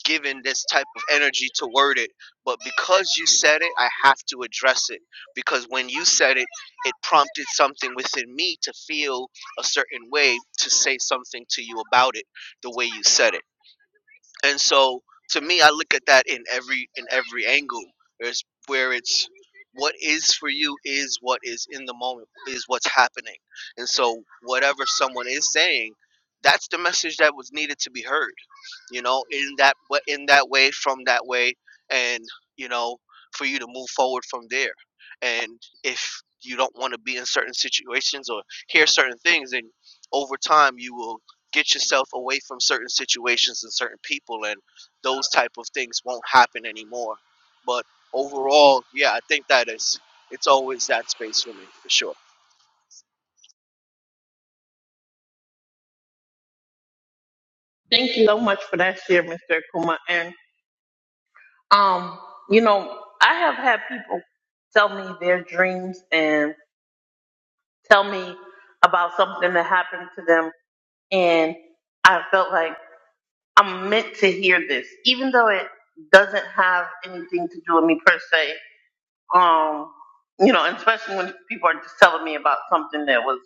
given this type of energy to word it. But because you said it, I have to address it. Because when you said it, it prompted something within me to feel a certain way to say something to you about it the way you said it. And so to me, I look at that in every in every angle. There's where it's what is for you is what is in the moment is what's happening. And so whatever someone is saying, that's the message that was needed to be heard. You know, in that wa- in that way, from that way, and you know, for you to move forward from there. And if you don't want to be in certain situations or hear certain things, then over time you will get yourself away from certain situations and certain people and those type of things won't happen anymore but overall yeah i think that is it's always that space for me for sure Thank you so much for that share, Mr. Akuma. And um, you know, I have had people tell me their dreams and tell me about something that happened to them, and I felt like. I'm meant to hear this, even though it doesn't have anything to do with me per se. Um, you know, and especially when people are just telling me about something that was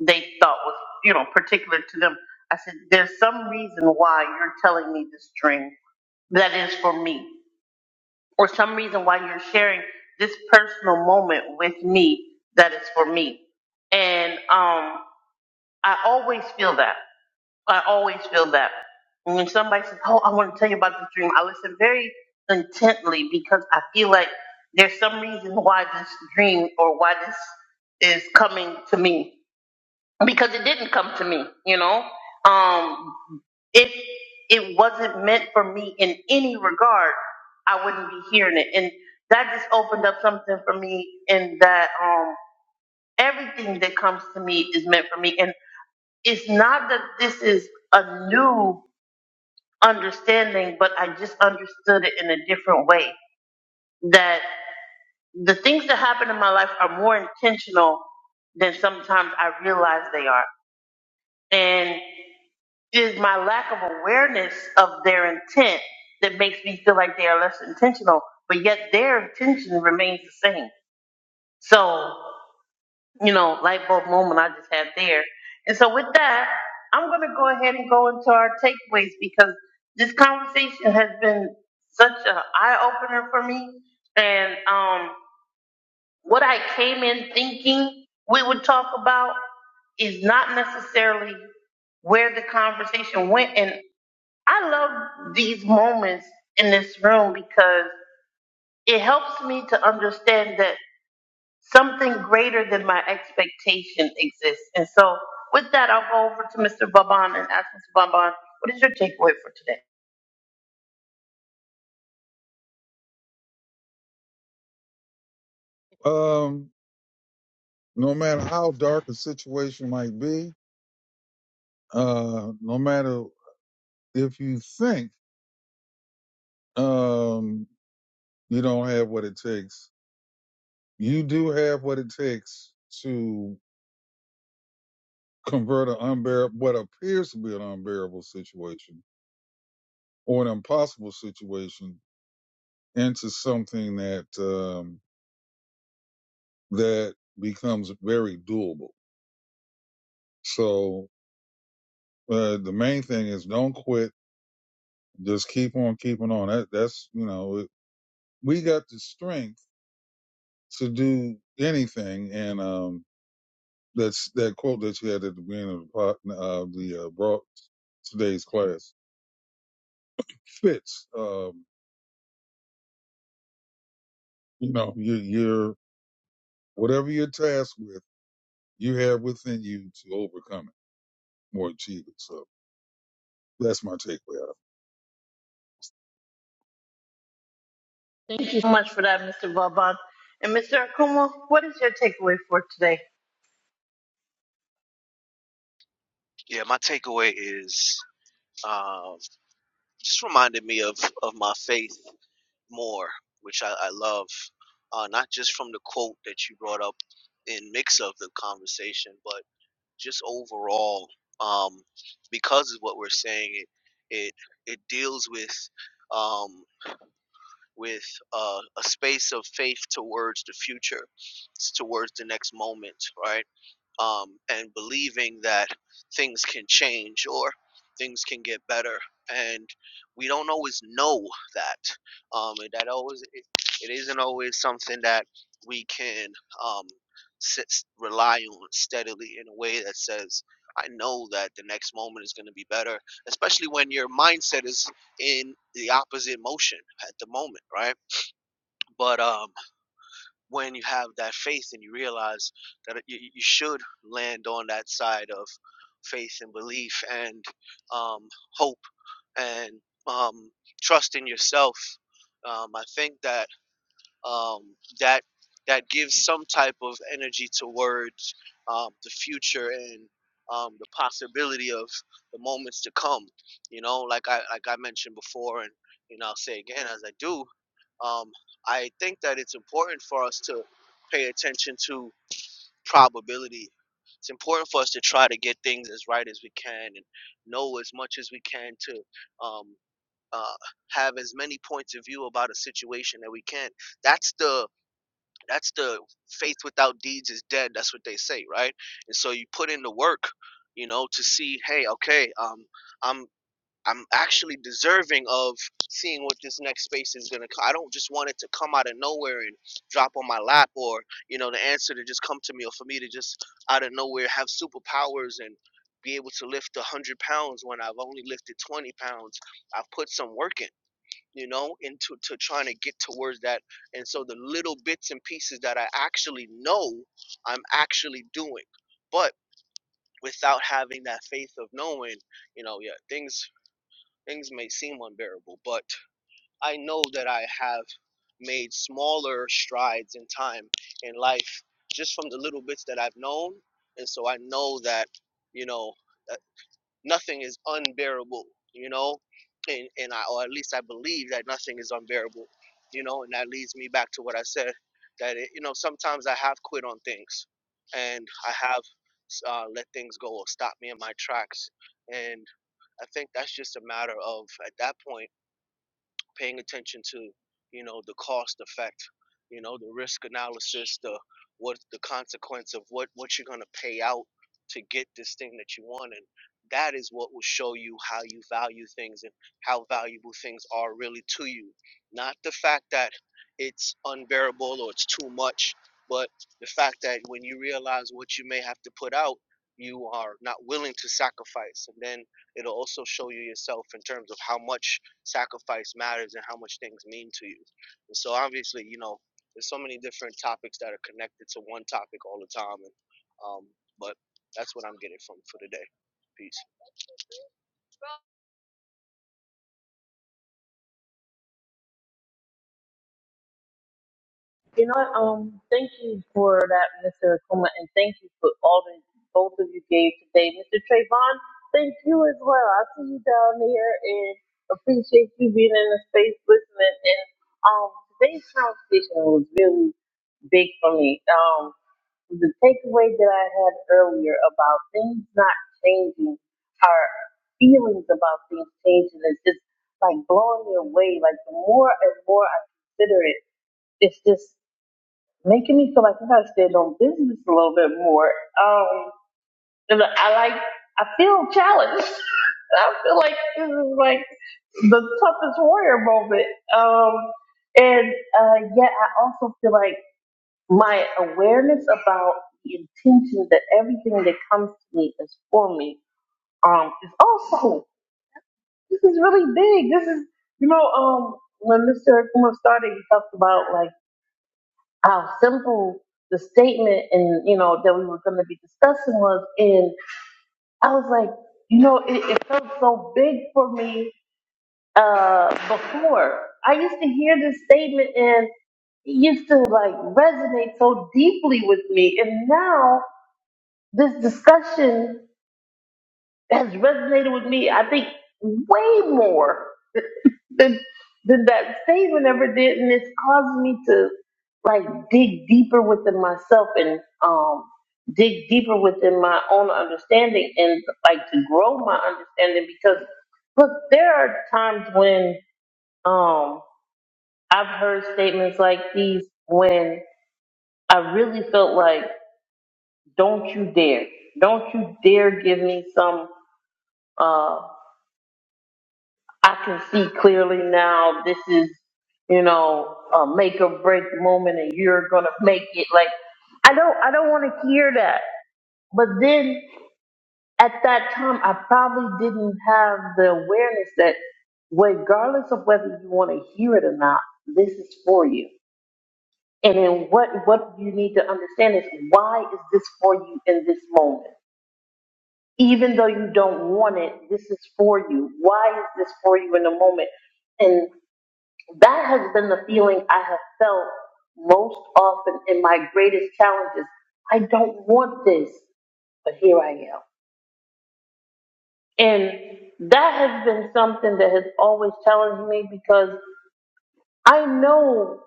they thought was you know particular to them. I said, there's some reason why you're telling me this dream that is for me, or some reason why you're sharing this personal moment with me that is for me. And um, I always feel that. I always feel that. And when somebody says, Oh, I want to tell you about the dream, I listen very intently because I feel like there's some reason why this dream or why this is coming to me. Because it didn't come to me, you know? Um, if it wasn't meant for me in any regard, I wouldn't be hearing it. And that just opened up something for me in that um, everything that comes to me is meant for me. And it's not that this is a new understanding, but I just understood it in a different way. That the things that happen in my life are more intentional than sometimes I realize they are. And it is my lack of awareness of their intent that makes me feel like they are less intentional, but yet their intention remains the same. So you know, light bulb moment I just had there. And so with that, I'm going to go ahead and go into our takeaways because this conversation has been such an eye opener for me. And um, what I came in thinking we would talk about is not necessarily where the conversation went. And I love these moments in this room because it helps me to understand that Something greater than my expectation exists. And so with that, I'll go over to Mr. Vaban and ask Mr. Vaban, what is your takeaway for today? Um, no matter how dark a situation might be, uh, no matter if you think Um, you don't have what it takes. You do have what it takes to convert an unbearable, what appears to be an unbearable situation or an impossible situation into something that, um, that becomes very doable. So, uh, the main thing is don't quit. Just keep on keeping on. That, that's, you know, it, we got the strength to do anything. And, um, That's that quote that you had at the beginning of the po- uh, the uh, broad today's class fits. Um, you know, your your whatever you're tasked with, you have within you to overcome it or achieve it. So that's my takeaway. Thank you so much for that, Mr. Vaban. And Mr. Akuma, what is your takeaway for today? yeah my takeaway is um, just reminded me of of my faith more which i, I love uh, not just from the quote that you brought up in mix of the conversation but just overall um, because of what we're saying it it, it deals with um, with uh, a space of faith towards the future, towards the next moment, right? um, and believing that things can change or things can get better. And we don't always know that. Um, and that always it, it isn't always something that we can um, sit, rely on steadily in a way that says, I know that the next moment is going to be better, especially when your mindset is in the opposite motion at the moment, right? But um, when you have that faith and you realize that you, you should land on that side of faith and belief and um, hope and um, trust in yourself. Um, I think that um, that that gives some type of energy towards um, the future and um, the possibility of the moments to come. You know, like I like I mentioned before, and you know, I'll say again as I do um, I think that it's important for us to pay attention to probability. It's important for us to try to get things as right as we can and know as much as we can to um, uh, have as many points of view about a situation that we can. That's the that's the faith without deeds is dead. That's what they say, right? And so you put in the work, you know, to see, hey, okay, um, I'm I'm actually deserving of seeing what this next space is gonna. co- I don't just want it to come out of nowhere and drop on my lap, or you know, the answer to just come to me, or for me to just out of nowhere have superpowers and be able to lift a hundred pounds when I've only lifted twenty pounds. I've put some work in, you know, into to trying to get towards that. And so the little bits and pieces that I actually know, I'm actually doing, but without having that faith of knowing, you know, yeah, things Things may seem unbearable, but I know that I have made smaller strides in time in life just from the little bits that I've known. And so I know that, you know, that nothing is unbearable, you know, and, and I, or at least I believe that nothing is unbearable, you know, and that leads me back to what I said that, it, you know, sometimes I have quit on things and I have uh, let things go or stop me in my tracks. And I think that's just a matter of, at that point, paying attention to you know the cost effect you know the risk analysis the what's the consequence of what what you're going to pay out to get this thing that you want and that is what will show you how you value things and how valuable things are really to you not the fact that it's unbearable or it's too much but the fact that when you realize what you may have to put out you are not willing to sacrifice and then it'll also show you yourself in terms of how much sacrifice matters and how much things mean to you. And so obviously, you know, there's so many different topics that are connected to one topic all the time. And um, but that's what I'm getting from for today. Peace. You know, what, um, thank you for that, Mr. Akuma, and thank you for all that both of you gave today. Mr. Trayvon, thank you as well. I see you down there and appreciate you being in the space listening. And um, today's conversation was really big for me. Um, the takeaway that I had earlier about things not changing, our feelings about things changing is just like blowing me away. Like the more and more I consider it, it's just making me feel like I gotta stand on business a little bit more. Um, and I like, I feel challenged. I feel like this is like the toughest warrior moment. Um, and uh, yet I also feel like my awareness about the intention that everything that comes to me is for me um, is also this is really big. This is you know um, when Mr. Kuma started, he talked about like how simple the statement and you know that we were going to be discussing was and i was like you know it, it felt so big for me uh before i used to hear this statement and it used to like resonate so deeply with me and now this discussion has resonated with me i think way more then, then that statement ever did, and it's caused me to like dig deeper within myself and um dig deeper within my own understanding and like to grow my understanding because look, there are times when um I've heard statements like these when I really felt like, don't you dare, don't you dare give me some. uh I can see clearly now this is, you know, a make or break moment and you're gonna make it. Like I don't I don't wanna hear that. But then at that time I probably didn't have the awareness that regardless of whether you wanna hear it or not, this is for you. And then what what you need to understand is why is this for you in this moment? Even though you don't want it, this is for you. Why is this for you in the moment? And That has been the feeling I have felt most often in my greatest challenges. I don't want this, but here I am. And that has been something that has always challenged me because I know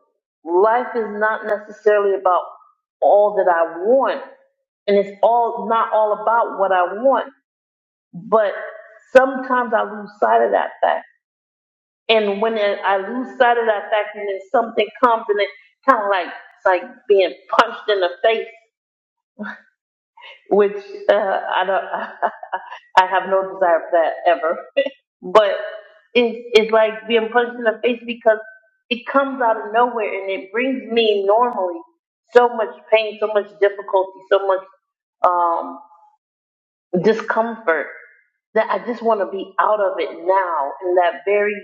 life is not necessarily about all that I want, and it's all not all about what I want, but sometimes I lose sight of that fact And when I I lose sight of that fact, and then something comes, and it kind of like it's like being punched in the face, which uh, I don't. I have no desire for that ever. But it's it's like being punched in the face because it comes out of nowhere, and it brings me normally so much pain, so much difficulty, so much um, discomfort that I just want to be out of it now in that very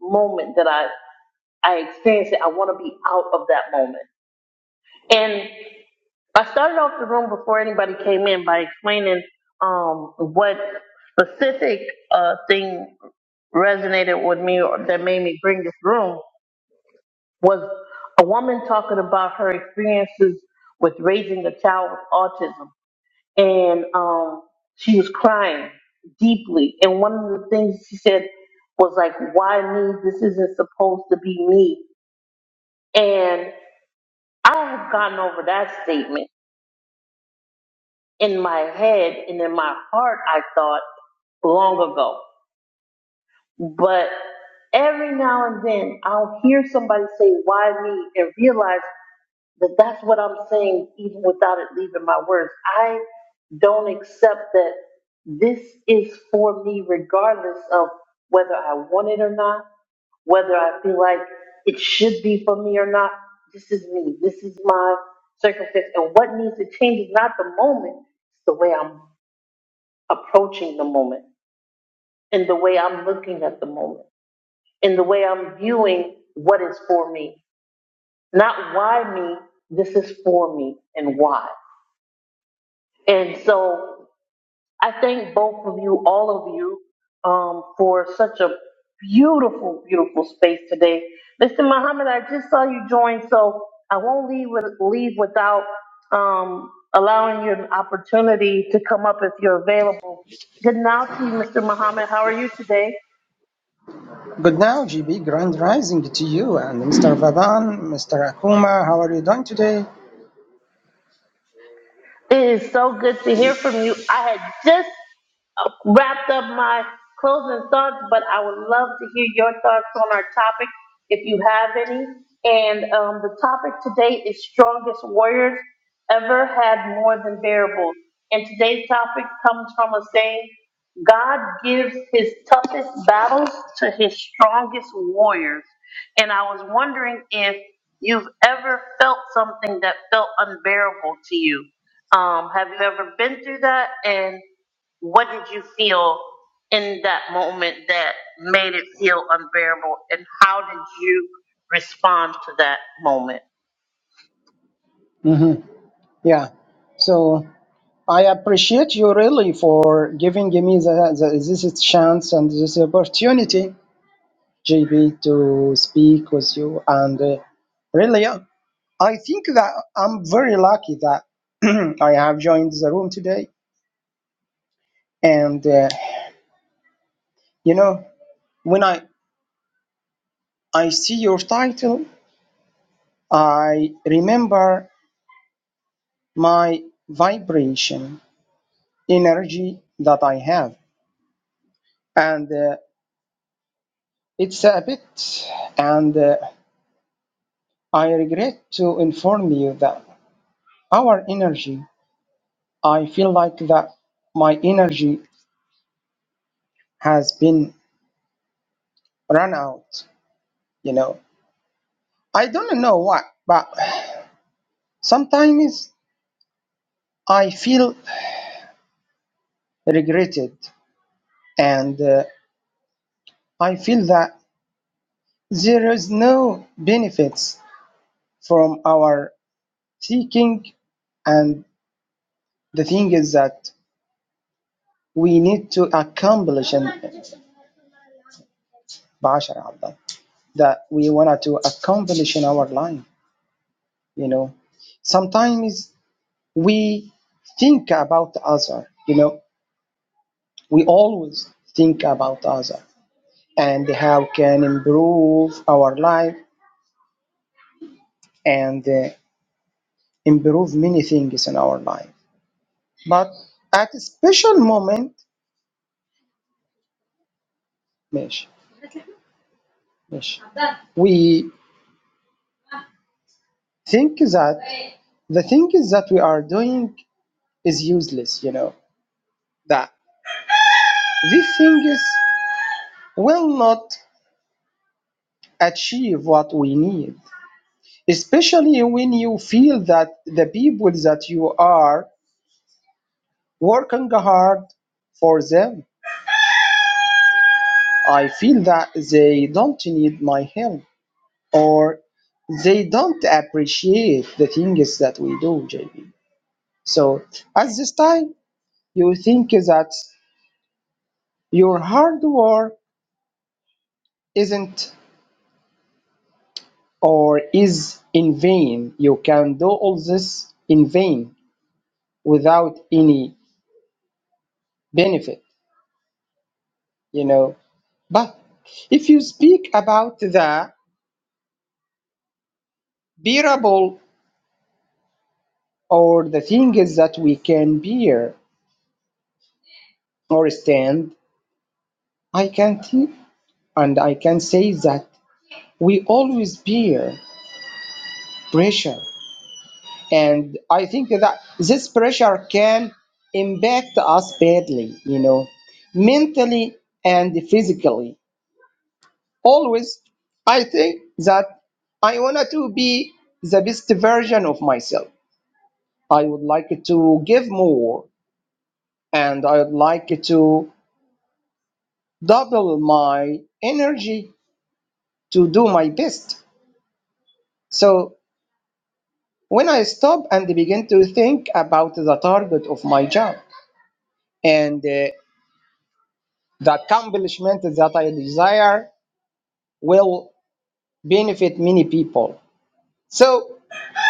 moment that I. I experienced it. I want to be out of that moment. And I started off the room before anybody came in by explaining um, what specific uh, thing resonated with me or that made me bring this room was a woman talking about her experiences with raising a child with autism. And um, she was crying deeply. And one of the things she said was like, why me? This isn't supposed to be me. And I have gotten over that statement in my head and in my heart, I thought long ago. But every now and then I'll hear somebody say, Why me? and realize That that's what I'm saying, even without it leaving my words. I don't accept that this is for me, regardless of whether I want it or not, whether I feel like it should be for me or not. This is me. This is my circumstance. And what needs to change is not the moment, it's the way I'm approaching the moment and the way I'm looking at the moment and the way I'm viewing what is for me. Not why me, this is for me and why. And so I thank both of you, all of you, um, for such a beautiful, beautiful space today. Mr. Muhammad, I just saw you join, so I won't leave with, leave without um, allowing you an opportunity to come up if you're available. Good now to you, Mr. Muhammad. How are you today? Good now, GB. Grand rising to you and Mr. Vadan, Mr. Akuma. How are you doing today? It is so good to hear from you. I had just uh, wrapped up my closing thoughts, but I would love to hear your thoughts on our topic if you have any. And um, the topic today is strongest warriors ever had more than bearable. And today's topic comes from a saying, God gives his toughest battles to his strongest warriors. And I was wondering if you've ever felt something that felt unbearable to you um, have you ever been through that? And what did you feel in that moment that made it feel unbearable? And how did you respond to that moment? hmm Yeah. So I appreciate you really for giving me the, the, this chance and this opportunity, GB, to speak with you. And uh, really, uh, I think that I'm very lucky that I have joined the room today. And uh, you know, when I I see your title, I remember. my vibration energy that I have. And uh, it's a bit, and uh, I regret to inform you that our energy, I feel like that my energy has been run out, you know. I don't know why, but sometimes I feel regretted and uh, I feel that there is no benefits from our seeking and the thing is that we need to accomplish in Basharabda that we wanted to accomplish in our life. You know, sometimes we think about other. You know, we always think about other and how can improve our life and uh, improve many things in our life. But at a special moment, Mish, Mish, we think that the things that we are doing is useless, you know, that these things will not achieve what we need, especially when you feel that the people that you are working hard for them, I feel that they don't need my help or they don't appreciate the things that we do, JB. So at this time, you think that your hard work isn't or is in vain. You can do all this in vain without any benefit, you know. But if you speak about the bearable or the things that we can bear or stand, I can think and I can say that we always bear pressure. And I think that this pressure can impact us badly, you know, mentally and physically always I think that I wanted to be the best version of myself. I would like to give more and I would like to double my energy to do my best. So when I stop and begin to think about the target of my job and uh, the accomplishment that I desire will benefit many people. So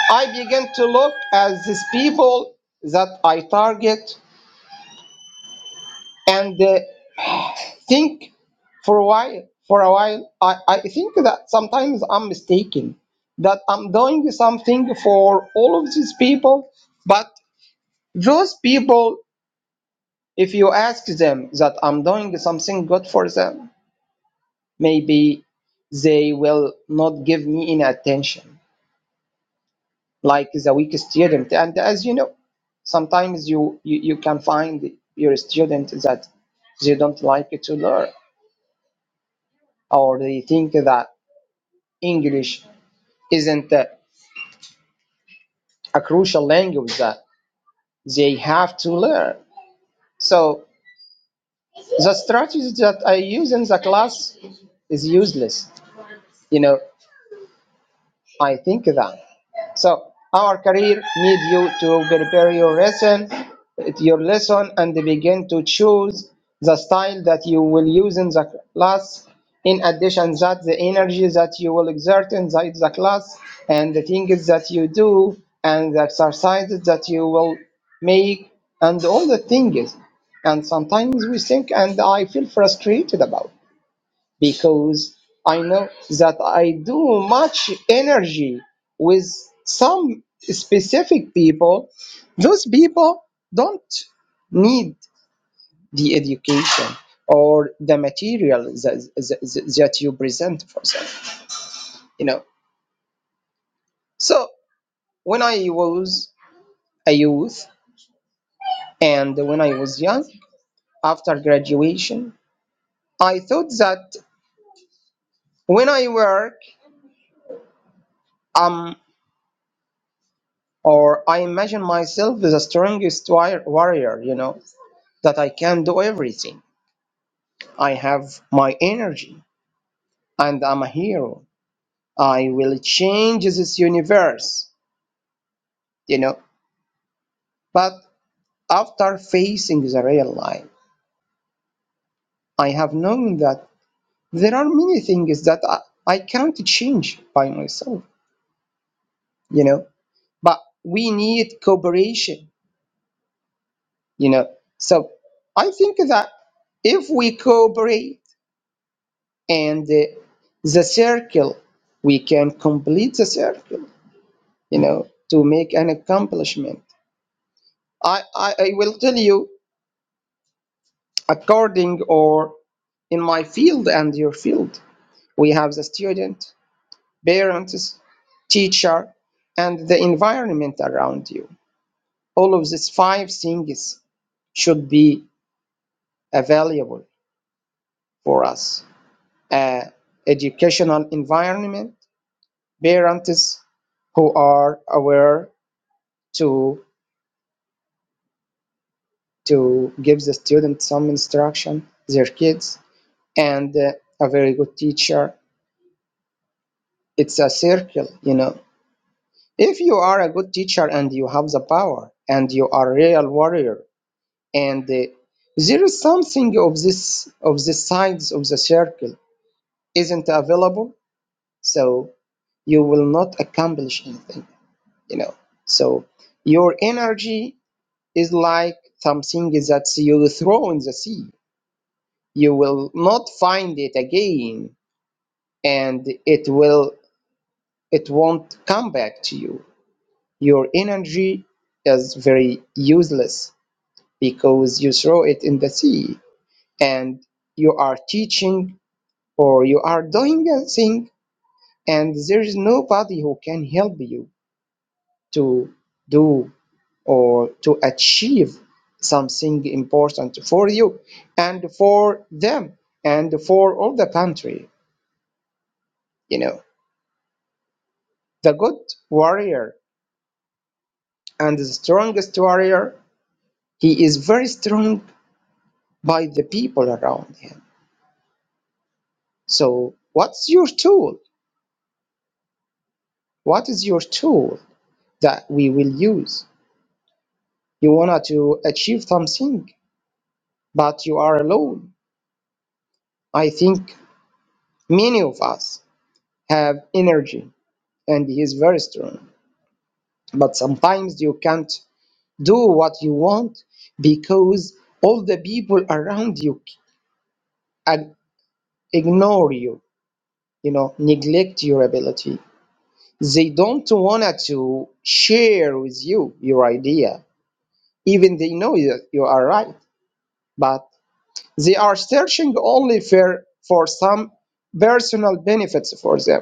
I begin to look at these people that I target and uh, think for a while for a while I, I think that sometimes i'm mistaken that i'm doing something for all of these people but those people if you ask them that i'm doing something good for them maybe they will not give me any attention like the weak student and as you know sometimes you you, you can find your student that they don't like to learn or they think that English isn't uh, a crucial language that they have to learn. So the strategy that I use in the class is useless. You know, I think that. So our career needs you to prepare your lesson, your lesson, and begin to choose the style that you will use in the class. In addition, that the energy that you will exert inside the class and the things that you do and the exercises that you will make and all the things. And sometimes we think, and I feel frustrated about because I know that I do much energy with some specific people. Those people don't need the education or the material that, that, that you present for them, you know. So when I was a youth and when I was young, after graduation, I thought that when I work, I'm. or I imagine myself as the strongest wi- warrior, you know, that I can do everything. I have my energy and I'm a hero. I will change this universe, you know. But after facing the real life, I have known that there are many things that I, I can't change by myself, you know. But we need cooperation, you know. So I think that if we cooperate, and uh, the circle we can complete the circle you know to make an accomplishment i i, I will tell you according or in my field and your field we have the student parents teacher and the environment around you all of these five things should be available for us uh, educational environment parents who are aware to to give the student some instruction, their kids, and uh, a very good teacher. It's a circle, you know. If you are a good teacher and you have the power and you are a real warrior, and uh, there is something of this of the sides of the circle isn't available, so you will not accomplish anything, you know. So your energy is like something that you throw in the sea you will not find it again and it will it won't come back to you your energy is very useless because you throw it in the sea and you are teaching or you are doing a thing and there is nobody who can help you to do or to achieve something important for you and for them and for all the country you know The good warrior and the strongest warrior, he is very strong by the people around him. So, what's your tool? What is your tool that we will use? You want to achieve something, but you are alone. I think many of us have energy and he is very strong. But sometimes you can't do what you want because all the people around you ag- ignore you you know neglect your ability they don't want to share with you your idea even they know that you are right but they are searching only for for some personal benefits for them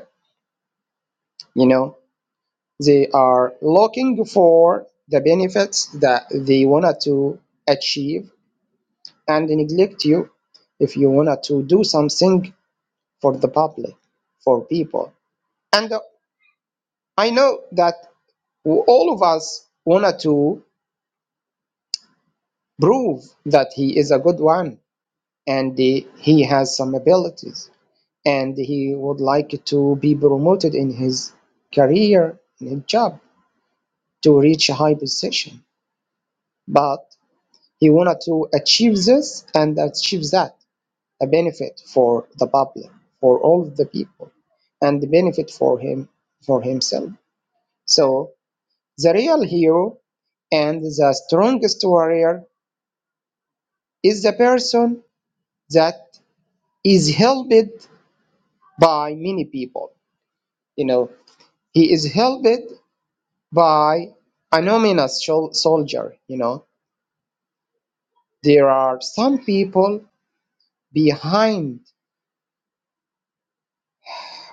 you know they are looking for the benefits that they wanted to achieve and neglect you if you wanted to do something for the public for people and uh, i know that all of us wanted to prove that he is a good one and he has some abilities and he would like to be promoted in his career in his job to reach a high position but he wanted to achieve this and achieve that a benefit for the public for all of the people and the benefit for him for himself so the real hero and the strongest warrior is the person that is helped by many people. You know, he is helped by anonymous shol- soldier. You know, there are some people behind,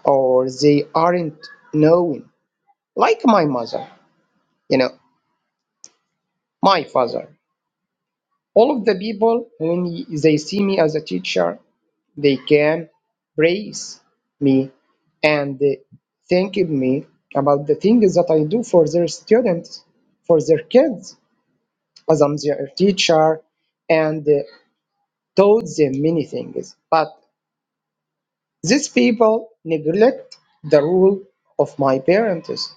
or they aren't known, like my mother. You know, my father. All of the people when they see me as a teacher, They can praise me and thank me about the things that I do for their students, for their kids, as I'm their teacher and uh, taught them many things. But these people neglect the rule of my parents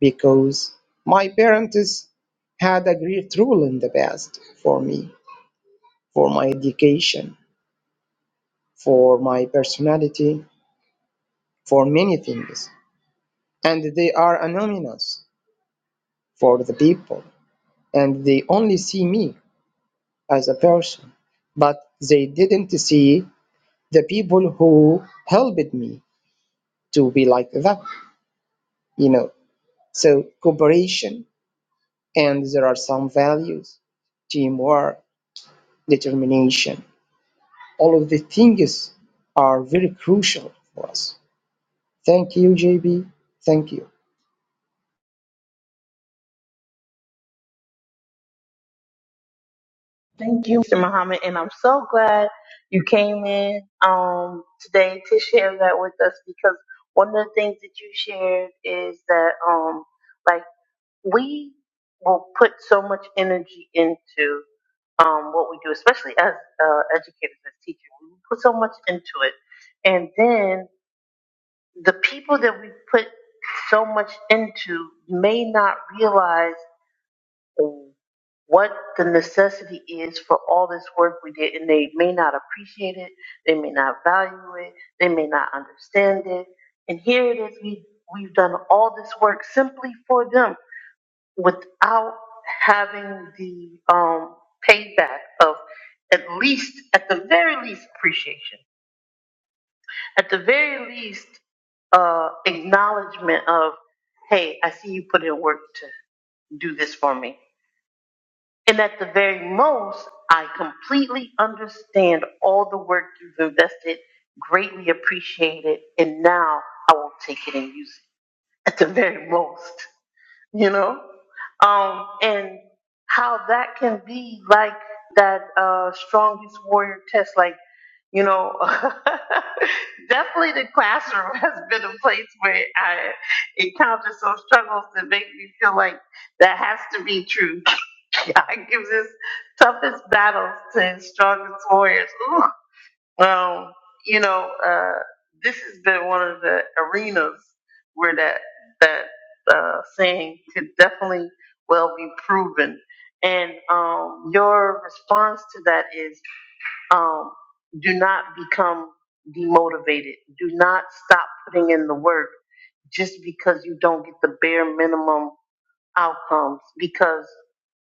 because my parents had a great rule in the past for me, for my education, for my personality, for many things. and they are anonymous for the people, and they only see me as a person, but they didn't see the people who helped me to be like that, you know. So cooperation, and there are some values, teamwork, determination. All of the things are very crucial for us. Thank you, JB. Thank you. Thank you, Mr. Muhammad. And I'm so glad you came in um, today to share that with us because one of the things that you shared is that, um, like, we will put so much energy into um, what we do, especially as uh, educators, as teachers. We put so much into it. And then the people that we put so much into may not realize what the necessity is for all this work we did, and they may not appreciate it, they may not value it, they may not understand it. And here it is, we, we've done all this work simply for them without having the um, payback of at least, at the very least, appreciation, at the very least, uh, acknowledgement of, hey, I see you put in work to do this for me. And at the very most, I completely understand all the work you've invested, greatly appreciate it, and now I will take it and use it. At the very most. you know? Um, and how that can be like that uh, strongest warrior test, like, you know, definitely the classroom has been a place where I encountered some struggles that make me feel like that has to be true. God gives his toughest battles to his strongest warriors. Ooh. Well, you know, uh, this has been one of the arenas where that that uh, saying could definitely well be proven. And um, your response to that is, um, do not become demotivated. Do not stop putting in the work just because you don't get the bare minimum outcomes. Because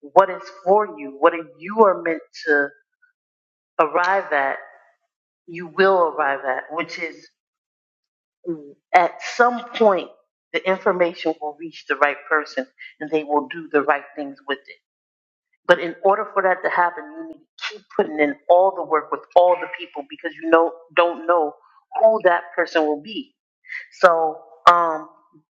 what is for you, what you are meant to arrive at you will arrive at, which is mm, at some point the information will reach the right person and they will do the right things with it. But in order for that to happen, you need to keep putting in all the work with all the people because you know don't know who that person will be. So um,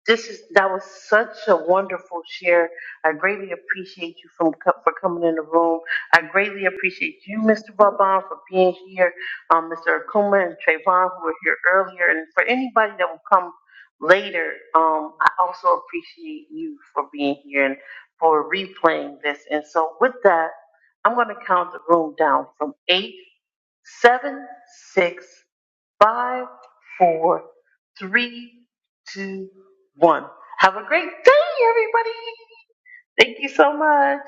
this is that was such a wonderful share. I greatly appreciate you from co- for coming in the room. I greatly appreciate you, Mr. Vaban, for being here. Um, Mr. Akuma and Trayvon, who were here earlier, and for anybody that will come later, um, I also appreciate you for being here and for replaying this. And so with that, I'm going to count the room down from eight, seven, six, five, four three, two, one. Have a great day, everybody. Thank you so much.